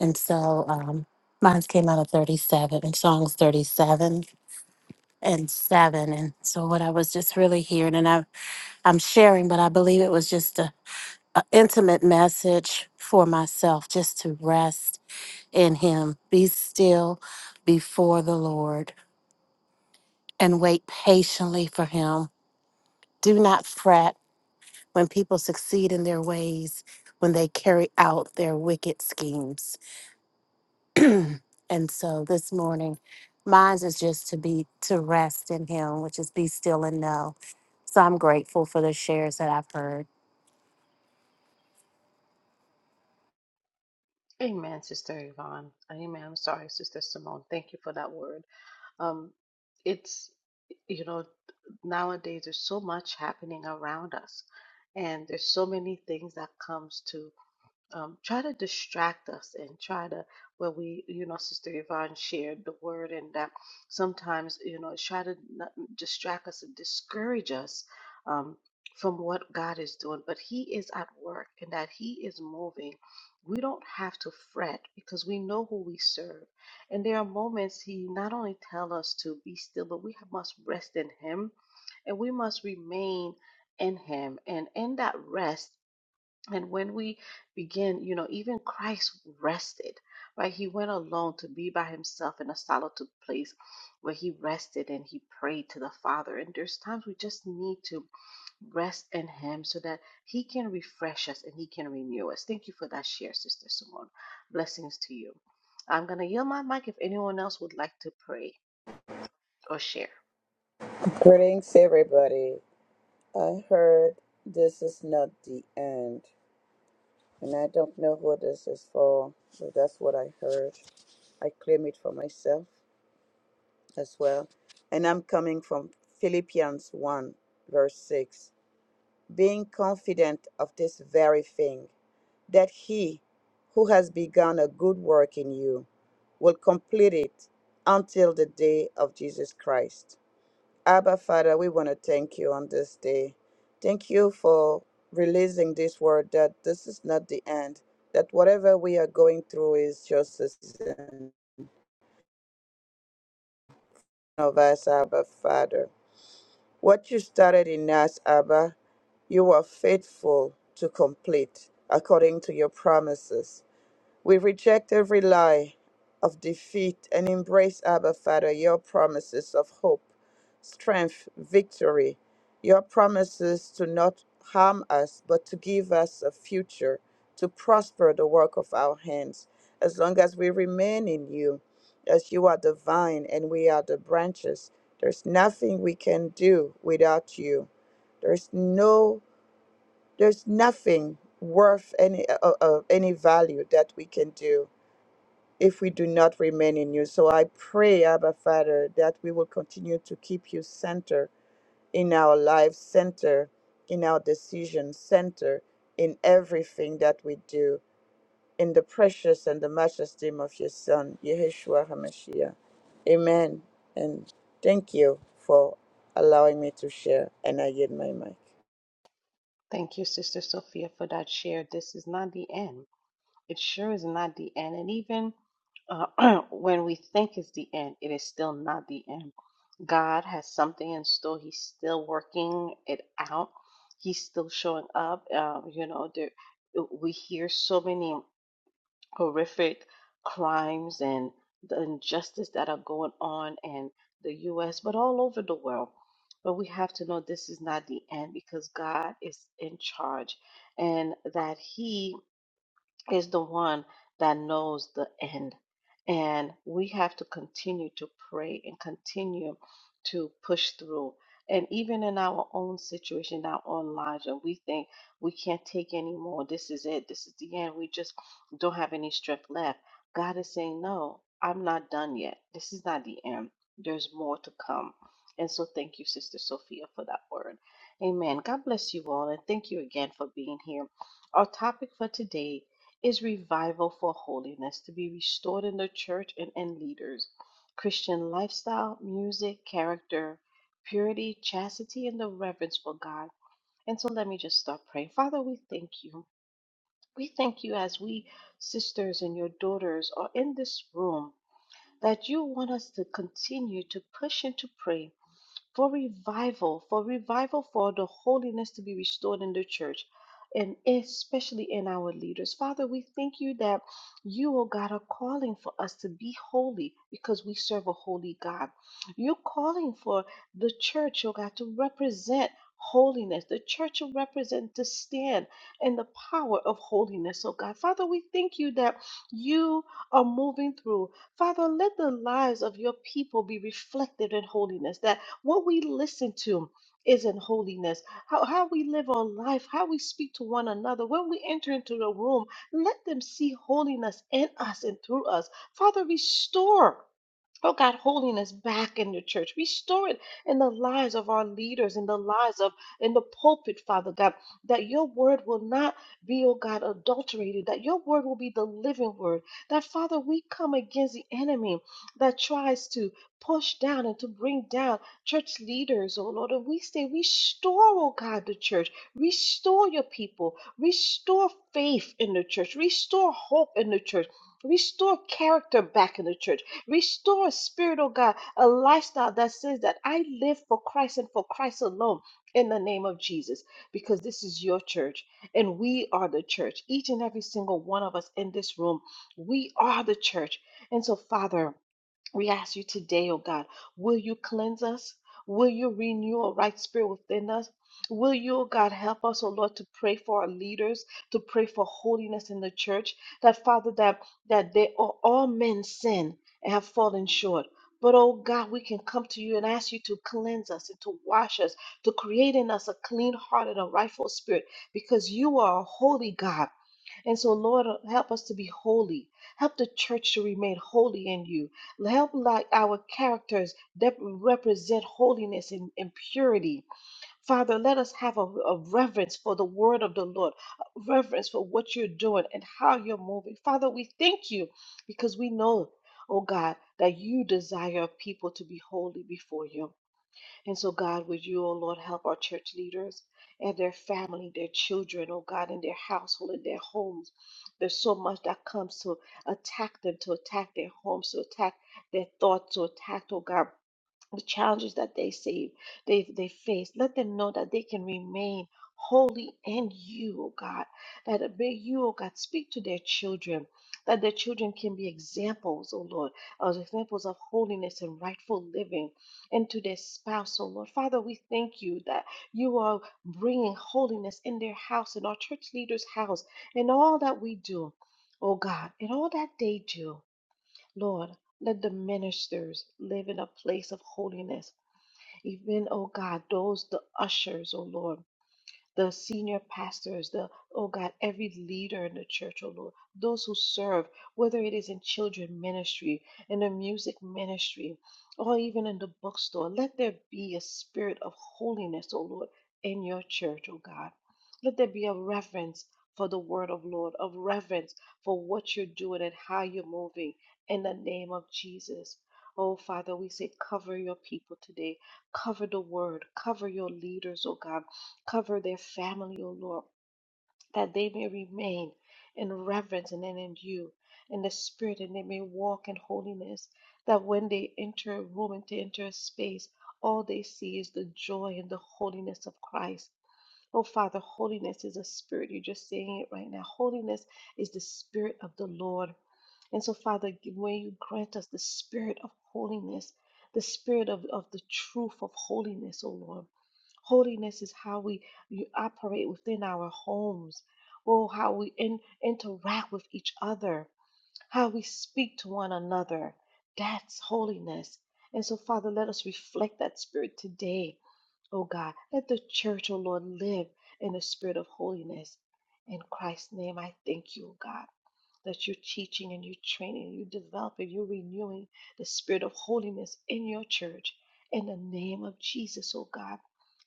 Speaker 5: And so um mine's came out of thirty seven and Psalms thirty seven and seven. And so what I was just really hearing and I I'm sharing, but I believe it was just a, a intimate message for myself just to rest in him, be still before the Lord and wait patiently for him. Do not fret when people succeed in their ways, when they carry out their wicked schemes. And so this morning, mine is just to be to rest in Him, which is be still and know. So I'm grateful for the shares that I've heard.
Speaker 1: Amen, Sister Yvonne. Amen. I'm sorry, Sister Simone. Thank you for that word. Um, it's, you know, nowadays there's so much happening around us, and there's so many things that comes to um, try to distract us and try to where we you know sister yvonne shared the word and that sometimes you know try to not distract us and discourage us um, from what god is doing but he is at work and that he is moving we don't have to fret because we know who we serve and there are moments he not only tells us to be still but we must rest in him and we must remain in him and in that rest and when we begin, you know, even Christ rested, right? He went alone to be by himself in a solitude place where he rested and he prayed to the Father. And there's times we just need to rest in him so that he can refresh us and he can renew us. Thank you for that share, Sister Simone. Blessings to you. I'm going to yield my mic if anyone else would like to pray or share.
Speaker 3: Greetings, everybody. I heard this is not the end, and I don't know who this is for, but that's what I heard. I claim it for myself as well. And I'm coming from Philippians 1, verse 6. Being confident of this very thing, that he who has begun a good work in you will complete it until the day of Jesus Christ. Abba, Father, we want to thank you on this day. Thank you for releasing this word that this is not the end, that whatever we are going through is just a season of us, Abba, Father. What you started in us, Abba, you are faithful to complete according to your promises. We reject every lie of defeat and embrace, Abba Father, your promises of hope, strength, victory, your promises to not harm us, but to give us a future, to prosper the work of our hands, as long as we remain in you, as you are the vine and we are the branches. There's nothing we can do without you. There's no, there's nothing worth any of uh, any value that we can do if we do not remain in you. So I pray, Abba Father, that we will continue to keep you center in our lives, center in our decisions, center in everything that we do, in the precious and the matchless name of your Son, Yeshua HaMashiach. Amen. And thank you for allowing me to share, and I yield my mic.
Speaker 1: Thank you, Sister Sophia, for that share. This is not the end. It sure is not the end. And even uh, when we think it's the end, it is still not the end. God has something in store. He's still working it out. He's still showing up. Um, you know, there, we hear so many horrific crimes and the injustice that are going on in the U.S., but all over the world. But we have to know this is not the end because God is in charge and that He is the one that knows the end. And we have to continue to pray and continue to push through. And even in our own situation, our own lives, when we think we can't take anymore, this is it, this is the end, we just don't have any strength left. God is saying, No, I'm not done yet. This is not the end. There's more to come. And so thank you, Sister Sophia, for that word. Amen. God bless you all. And thank you again for being here. Our topic for today is revival for holiness to be restored in the church and in leaders. Christian lifestyle, music, character, purity, chastity, and the reverence for God. And so let me just start praying. Father, we thank you. We thank you as we, sisters and your daughters, are in this room, that you want us to continue to push and to pray for revival, for revival, for the holiness to be restored in the church. And especially in our leaders. Father, we thank you that you, oh God, are calling for us to be holy because we serve a holy God. You're calling for the church, oh God, to represent holiness. The church will represent to stand in the power of holiness, oh God. Father, we thank you that you are moving through. Father, let the lives of your people be reflected in holiness, that what we listen to is in holiness. How, how we live our life, how we speak to one another. When we enter into the room, let them see holiness in us and through us. Father, restore. Oh God, holiness back in the church. Restore it in the lives of our leaders, in the lives of in the pulpit, Father God, that your word will not be, oh God, adulterated, that your word will be the living word. That Father, we come against the enemy that tries to push down and to bring down church leaders, oh Lord. And we say, restore, oh God, the church. Restore your people. Restore faith in the church. Restore hope in the church. Restore character back in the church Restore, Spirit, oh God, a lifestyle that says that I live for Christ and for Christ alone in the name of Jesus, because this is your church and we are the church. Each and every single one of us in this room, we are the church. And so, Father, we ask you today, oh God, will you cleanse us? Will you renew a right spirit within us? Will you, oh God, help us, oh Lord, to pray for our leaders, to pray for holiness in the church? That Father, that that they are all men sin and have fallen short. But oh God, we can come to you and ask you to cleanse us and to wash us, to create in us a clean heart and a rightful spirit, because you are a holy God. And so, Lord, help us to be holy. Help the church to remain holy in you. Help like our characters that represent holiness and, and purity. Father, let us have a, a reverence for the word of the Lord, a reverence for what you're doing and how you're moving. Father, we thank you because we know, oh God, that you desire people to be holy before you. And so, God, would you, oh Lord, help our church leaders and their family, their children, oh God, in their household, in their homes. There's so much that comes to attack them, to attack their homes, to attack their thoughts, to attack, oh God the challenges that they see, they they face. Let them know that they can remain holy in you, oh God. That may you, oh God, speak to their children, that their children can be examples, oh Lord, as examples of holiness and rightful living, and to their spouse, oh Lord. Father, we thank you that you are bringing holiness in their house, in our church leaders' house, in all that we do, oh God, in all that they do. Lord, let the ministers live in a place of holiness. Even, oh God, those, the ushers, oh Lord the senior pastors, the, oh God, every leader in the church, oh Lord, those who serve, whether it is in children ministry, in the music ministry, or even in the bookstore, let there be a spirit of holiness, oh Lord, in your church, oh God. Let there be a reverence for the word of Lord, of reverence for what you're doing and how you're moving in the name of Jesus. Oh, Father, we say, cover your people today. Cover the word. Cover your leaders, oh God Cover their family, O Lord, that they may remain in reverence and in you, in the Spirit, and they may walk in holiness. That when they enter a room and they enter a space, all they see is the joy and the holiness of Christ. Oh, Father, holiness is a spirit. You're just saying it right now. Holiness is the spirit of the Lord. And so, Father, g- may you grant us the spirit of holiness, the spirit of, of the truth of holiness, O Lord Holiness is how we you operate within our homes, or how we in, interact with each other how we speak to one another. That's holiness. And so, Father, let us reflect that spirit today, oh God. Let the church, oh Lord, live in the spirit of holiness. In Christ's name, I thank you, oh God, that you're teaching and you're training, and you're developing, you're renewing the spirit of holiness in your church. In the name of Jesus, oh God,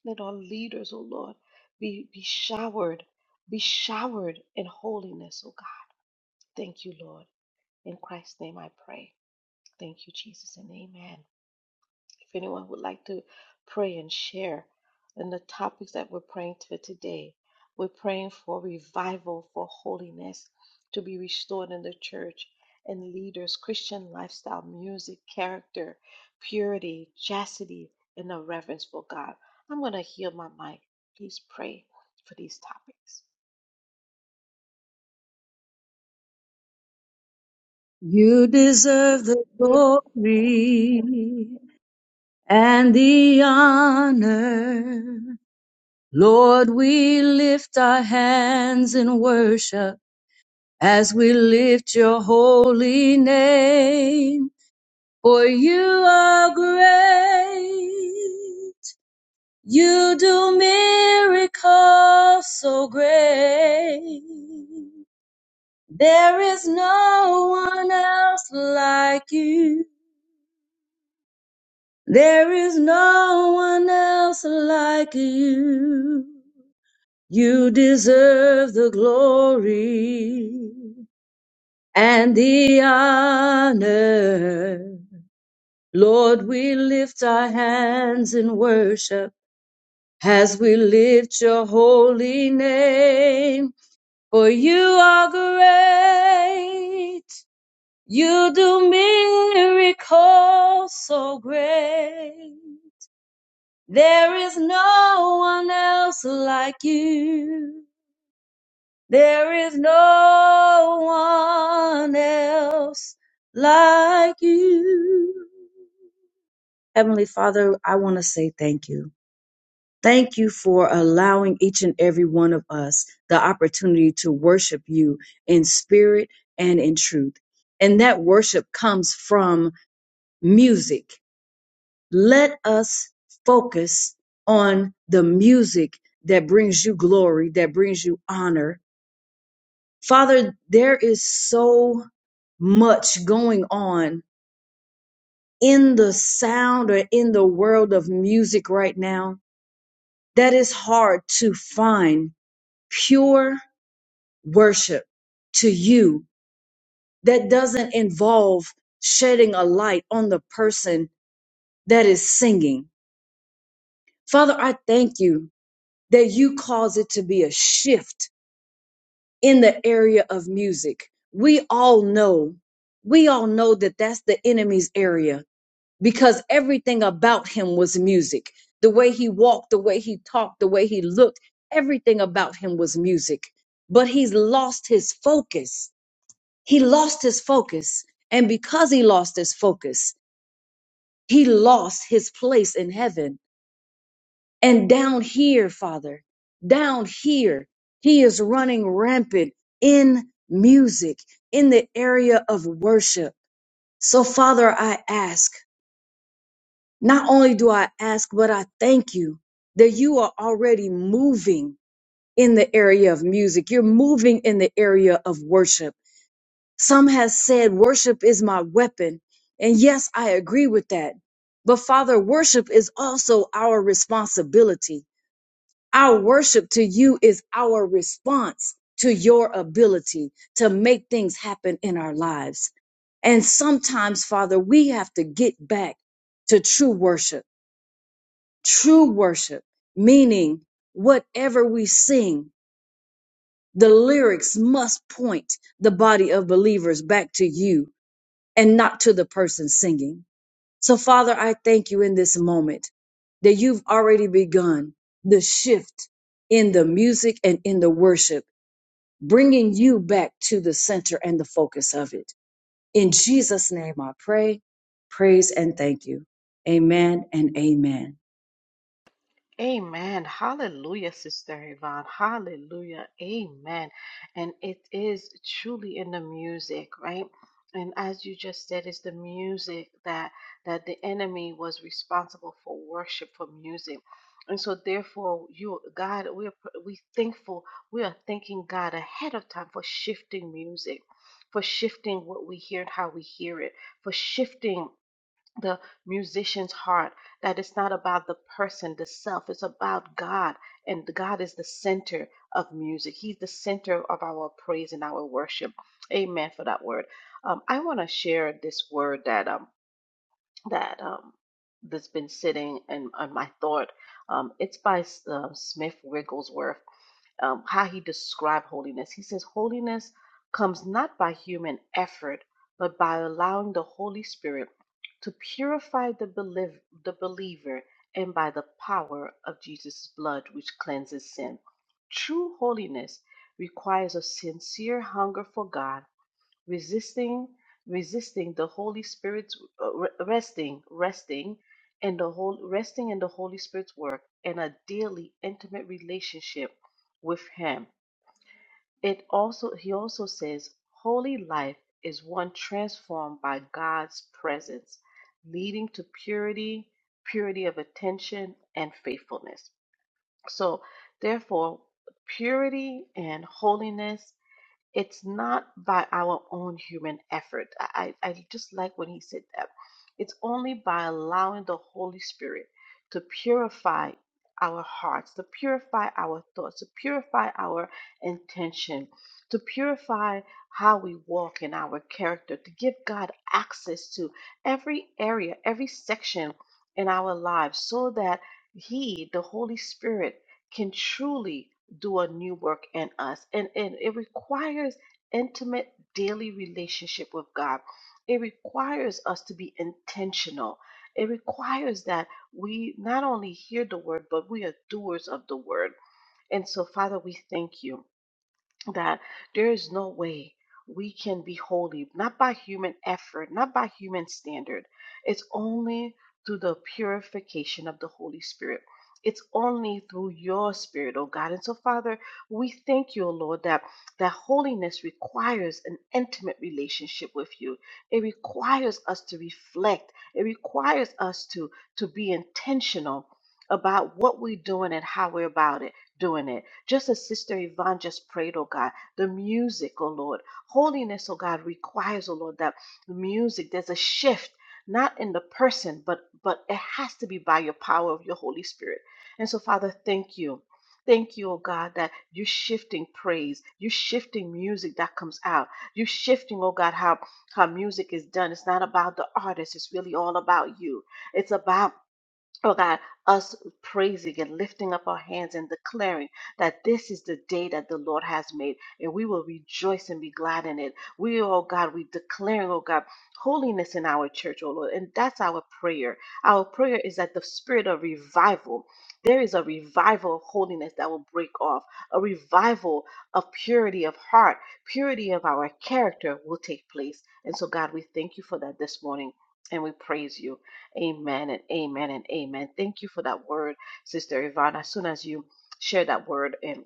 Speaker 1: let our leaders, oh Lord, be, be showered, be showered in holiness, oh God. Thank you, Lord. In Christ's name I pray. Thank you, Jesus, and amen. If anyone would like to pray and share in the topics that we're praying for today, we're praying for revival, for holiness to be restored in the church and leaders, Christian lifestyle, music, character, purity, chastity, and a reverence for God. I'm going to heal my mic. Please pray for these topics.
Speaker 4: You deserve the glory and the honor. Lord, we lift our hands in worship as we lift your holy name, for you are great You do miracles so great. There is no one else like you. There is no one else like you. You deserve the glory and the honor. Lord, we lift our hands in worship as we lift your holy name. For you are great. You do miracles so great. There is no one else like you. There is no one else like you. Heavenly Father, I want to say thank you. Thank you for allowing each and every one of us the opportunity to worship you in spirit and in truth. And that worship comes from music. Let us focus on the music that brings you glory, that brings you honor. Father, there is so much going on in the sound or in the world of music right now that is hard to find pure worship to you that doesn't involve shedding a light on the person that is singing. Father, I thank you that you cause it to be a shift in the area of music. We all know, we all know that that's the enemy's area because everything about him was music. The way he walked, the way he talked, the way he looked, everything about him was music. But he's lost his focus He lost his focus. And because he lost his focus, he lost his place in heaven. And down here, Father, down here, he is running rampant in music, in the area of worship. So, Father, I ask, not only do I ask, but I thank you that you are already moving in the area of music. You're moving in the area of worship. Some has said worship is my weapon. And yes, I agree with that. But Father, worship is also our responsibility. Our worship to you is our response to your ability to make things happen in our lives. And sometimes, Father, we have to get back to true worship. True worship, meaning whatever we sing, the lyrics must point the body of believers back to you and not to the person singing. So, Father, I thank you in this moment that you've already begun the shift in the music and in the worship, bringing you back to the center and the focus of it. In Jesus' name, I pray, praise, and thank you. Amen and amen.
Speaker 1: Amen. Hallelujah, Sister Yvonne. Hallelujah. Amen. And it is truly in the music, right? And as you just said, it's the music that that the enemy was responsible for worship for music. And so therefore you God, we are we thankful, we are thanking God ahead of time for shifting music, for shifting what we hear and how we hear it, for shifting the musician's heart that it's not about the person, the self, it's about God. And God is the center of music, He's the center of our praise and our worship. Amen for that word. Um, I want to share this word that um, that um, that's been sitting in, in my thought. Um, it's by uh, Smith Wigglesworth um, how he described holiness. He says, Holiness comes not by human effort, but by allowing the Holy Spirit to purify the, believ- the believer and by the power of Jesus' blood, which cleanses sin. True holiness requires a sincere hunger for God resisting, resisting the Holy Spirit's uh, re- resting, resting, and the whole resting in the Holy Spirit's work and a daily intimate relationship with Him. It also he also says holy life is one transformed by God's presence, leading to purity, purity of attention and faithfulness. So therefore, purity and holiness it's not by our own human effort. I, I I just like when he said that. It's only by allowing the Holy Spirit to purify our hearts, to purify our thoughts, to purify our intention, to purify how we walk in our character, to give God access to every area, every section in our lives so that He, the Holy Spirit, can truly do a new work in us. And, and it requires intimate daily relationship with God. It requires us to be intentional. It requires that we not only hear the word, but we are doers of the word. And so, Father, we thank you that there is no way we can be holy, not by human effort, not by human standard. It's only through the purification of the Holy Spirit. It's only through your spirit, oh God. And so, Father, we thank you, oh Lord, that, that holiness requires an intimate relationship with you. It requires us to reflect. It requires us to, to be intentional about what we're doing and how we're about it doing it. Just as Sister Yvonne just prayed, oh God, the music, oh Lord. Holiness, oh God, requires, oh Lord, that the music, there's a shift, not in the person, but but it has to be by your power of your Holy Spirit. And so, Father, thank you. Thank you, oh God, that you're shifting praise. You're shifting music that comes out. You're shifting, oh God, how, how music is done. It's not about the artist. It's really all about you. It's about Oh God, us praising and lifting up our hands and declaring that this is the day that the Lord has made, and we will rejoice and be glad in it. We, oh God, we declaring, oh God, holiness in our church, oh Lord, and that's our prayer. Our prayer is that the spirit of revival, there is a revival of holiness that will break off, a revival of purity of heart, purity of our character will take place. And so, God, we thank you for that this morning, and we praise you. Amen and amen and amen. Thank you for that word, Sister Yvonne. As soon as you shared that word, and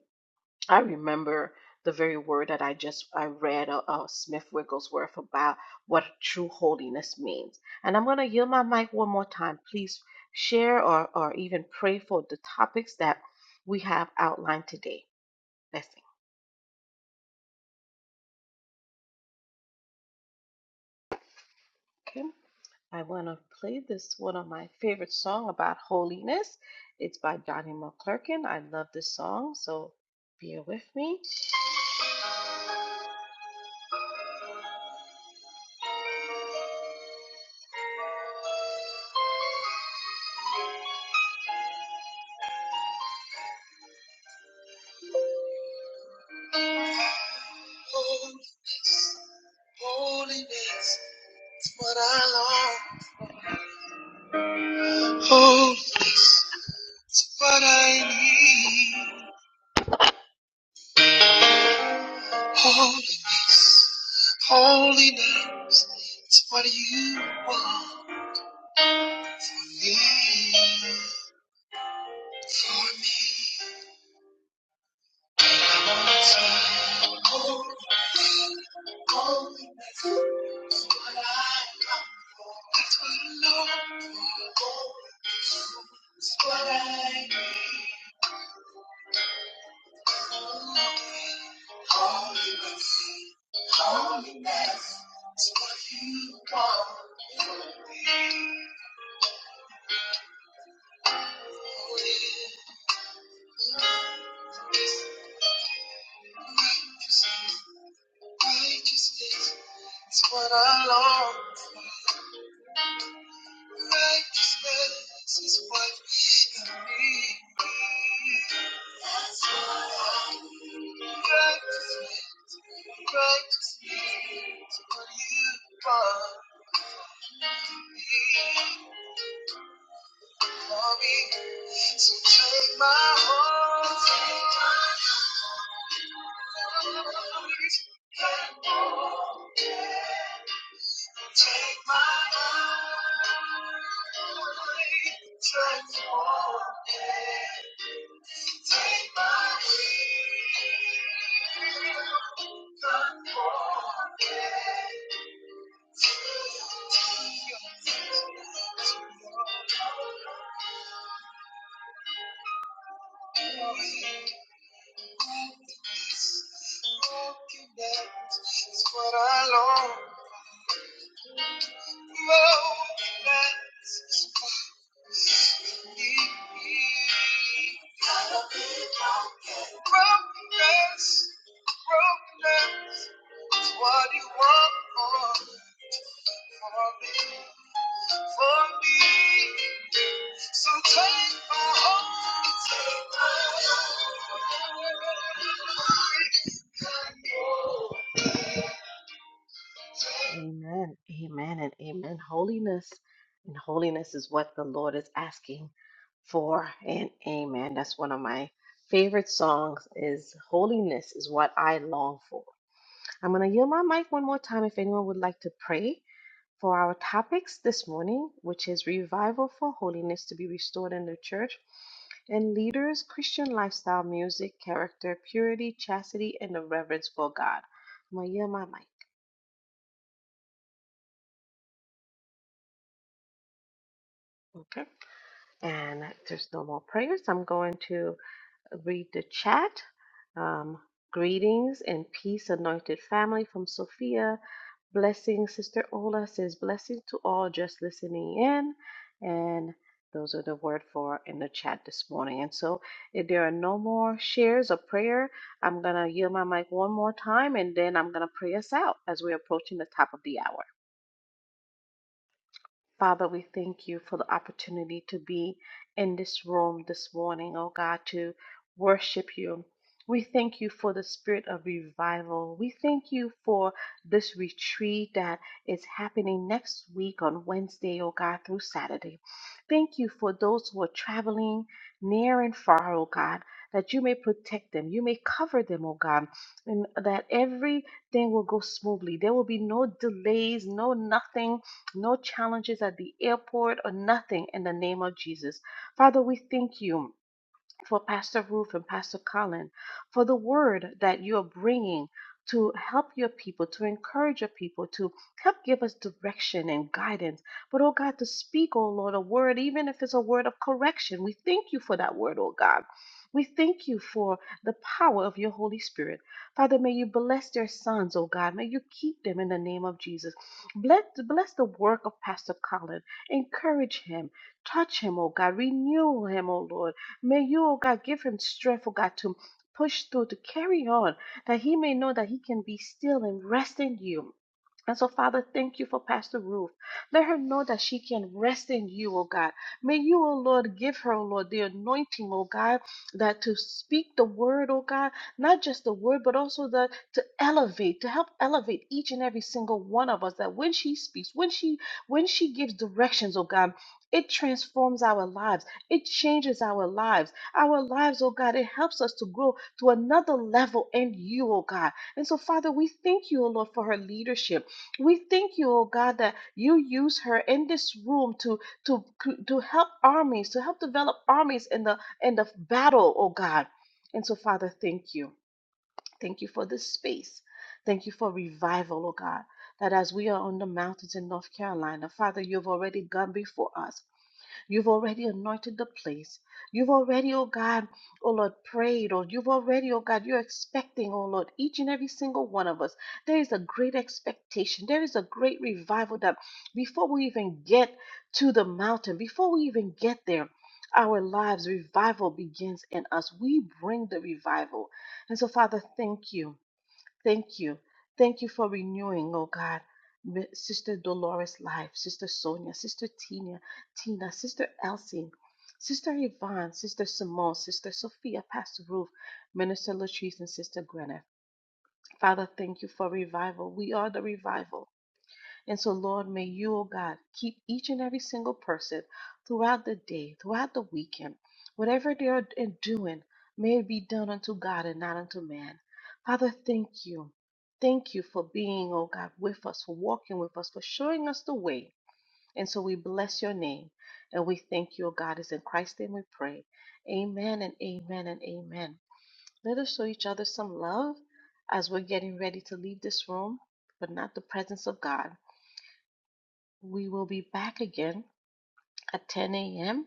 Speaker 1: I remember the very word that I just I read uh, uh, Smith Wigglesworth about what true holiness means. And I'm going to yield my mic one more time. Please share or or even pray for the topics that we have outlined today. Blessings. Okay. I want to play this one of my favorite song about holiness. It's by Donnie McClurkin. I love this song, so bear with me. Holiness, holiness, it's what I long. Holiness, it's what I need. Holiness, holiness, it's what you want for me, for me. Holiness, holiness, that's what I come for. That's what I long for. That's what I need. Holiness, holiness is what you want for me. Righteousness, righteousness is what I long for. Righteousness is what you need. That's what I need. Righteousness, righteousness is what you want for me. So take my heart. Take my take my life. Transform it. Take my will. Conform it. Brokenness is what you want for, for me. for me. So take my heart. Take my heart. Amen, amen, and amen. Holiness and holiness is what the Lord is asking for, and amen. That's one of my favorite songs. Is holiness is what I long for. I'm gonna yield my mic one more time if anyone would like to pray for our topics this morning, which is revival for holiness to be restored in the church, and leaders, Christian lifestyle, music, character, purity, chastity, and the reverence for God. I'm gonna yield my mic. Okay. And there's no more prayers. I'm going to. read the chat. Um, greetings and peace, anointed family from Sophia. Blessings, Sister Ola says, blessing to all just listening in. And those are the word for in the chat this morning. And so, if there are no more shares or prayer, I'm going to yield my mic one more time and then I'm going to pray us out as we're approaching the top of the hour. Father, we thank you for the opportunity to be in this room this morning, oh God, to worship you. We thank you for the spirit of revival. We thank you for this retreat that is happening next week on Wednesday, oh God, through Saturday. Thank you for those who are traveling near and far, oh God, that you may protect them, you may cover them, oh God, and that everything will go smoothly. There will be no delays, no nothing no challenges at the airport or nothing in the name of Jesus. Father, we thank you for Pastor Ruth and Pastor Colin, for the word that you are bringing to help your people, to encourage your people, to help give us direction and guidance. But, oh God, to speak, oh Lord, a word, even if it's a word of correction. We thank you for that word, oh God. We thank you for the power of your Holy Spirit. Father, may you bless their sons, oh God. May you keep them in the name of Jesus. Bless, bless the work of Pastor Colin. Encourage him. Touch him, oh God. Renew him, oh Lord. May you, oh God, give him strength, oh God, to push through, to carry on, that he may know that he can be still and rest in you and so, Father, thank you for Pastor Ruth. Let her know that she can rest in you, O God. May you, O Lord, give her, O Lord, the anointing, O God, that to speak the word, O God, not just the word, but also the to elevate, to help elevate each and every single one of us. That when she speaks, when she when she gives directions, O God, it transforms our lives. It changes our lives. Our lives, O God, it helps us to grow to another level in you, O God. And so, Father, we thank you, O Lord, for her leadership. We thank you, oh God, that you use her in this room to to to help armies, to help develop armies in the in the battle, oh God. And so, Father, thank you. Thank you for this space. Thank you for revival, oh God. That as we are on the mountains in North Carolina, Father, you've already gone before us. You've already anointed the place. You've already, oh God, oh Lord, prayed, or you've already, oh God, you're expecting, oh Lord, each and every single one of us. There is a great expectation. There is a great revival that before we even get to the mountain, before we even get there, our lives, revival begins in us. We bring the revival. And so, Father, thank you. Thank you. Thank you for renewing, oh God. Mi- Sister Dolores' life, Sister Sonia, Sister Tina, Tina, Sister Elsie, Sister Yvonne, Sister Simone, Sister Sophia, Pastor Ruth, Minister Latrice, and Sister Gwyneth. Father, thank you for revival. We are the revival. And so, Lord, may you, oh God, keep each and every single person throughout the day, throughout the weekend, whatever they are doing, may it be done unto God and not unto man. Father, thank you. Thank you for being, oh God, with us, for walking with us, for showing us the way. And so we bless your name and we thank you, oh God. It's in Christ's name we pray. Amen and amen and amen. Let us show each other some love as we're getting ready to leave this room, but not the presence of God. We will be back again at 10 a.m.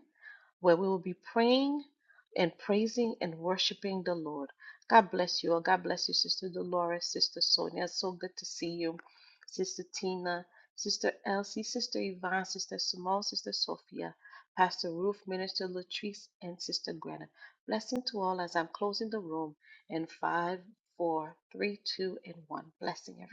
Speaker 1: where we will be praying and praising and worshiping the Lord. God bless you all. God bless you, Sister Dolores, Sister Sonia. So good to see you, Sister Tina, Sister Elsie, Sister Yvonne, Sister Simone, Sister Sophia, Pastor Ruth, Minister Latrice, and Sister Greta. Blessing to all as I'm closing the room in five, four, three, two, and one. Blessing everyone.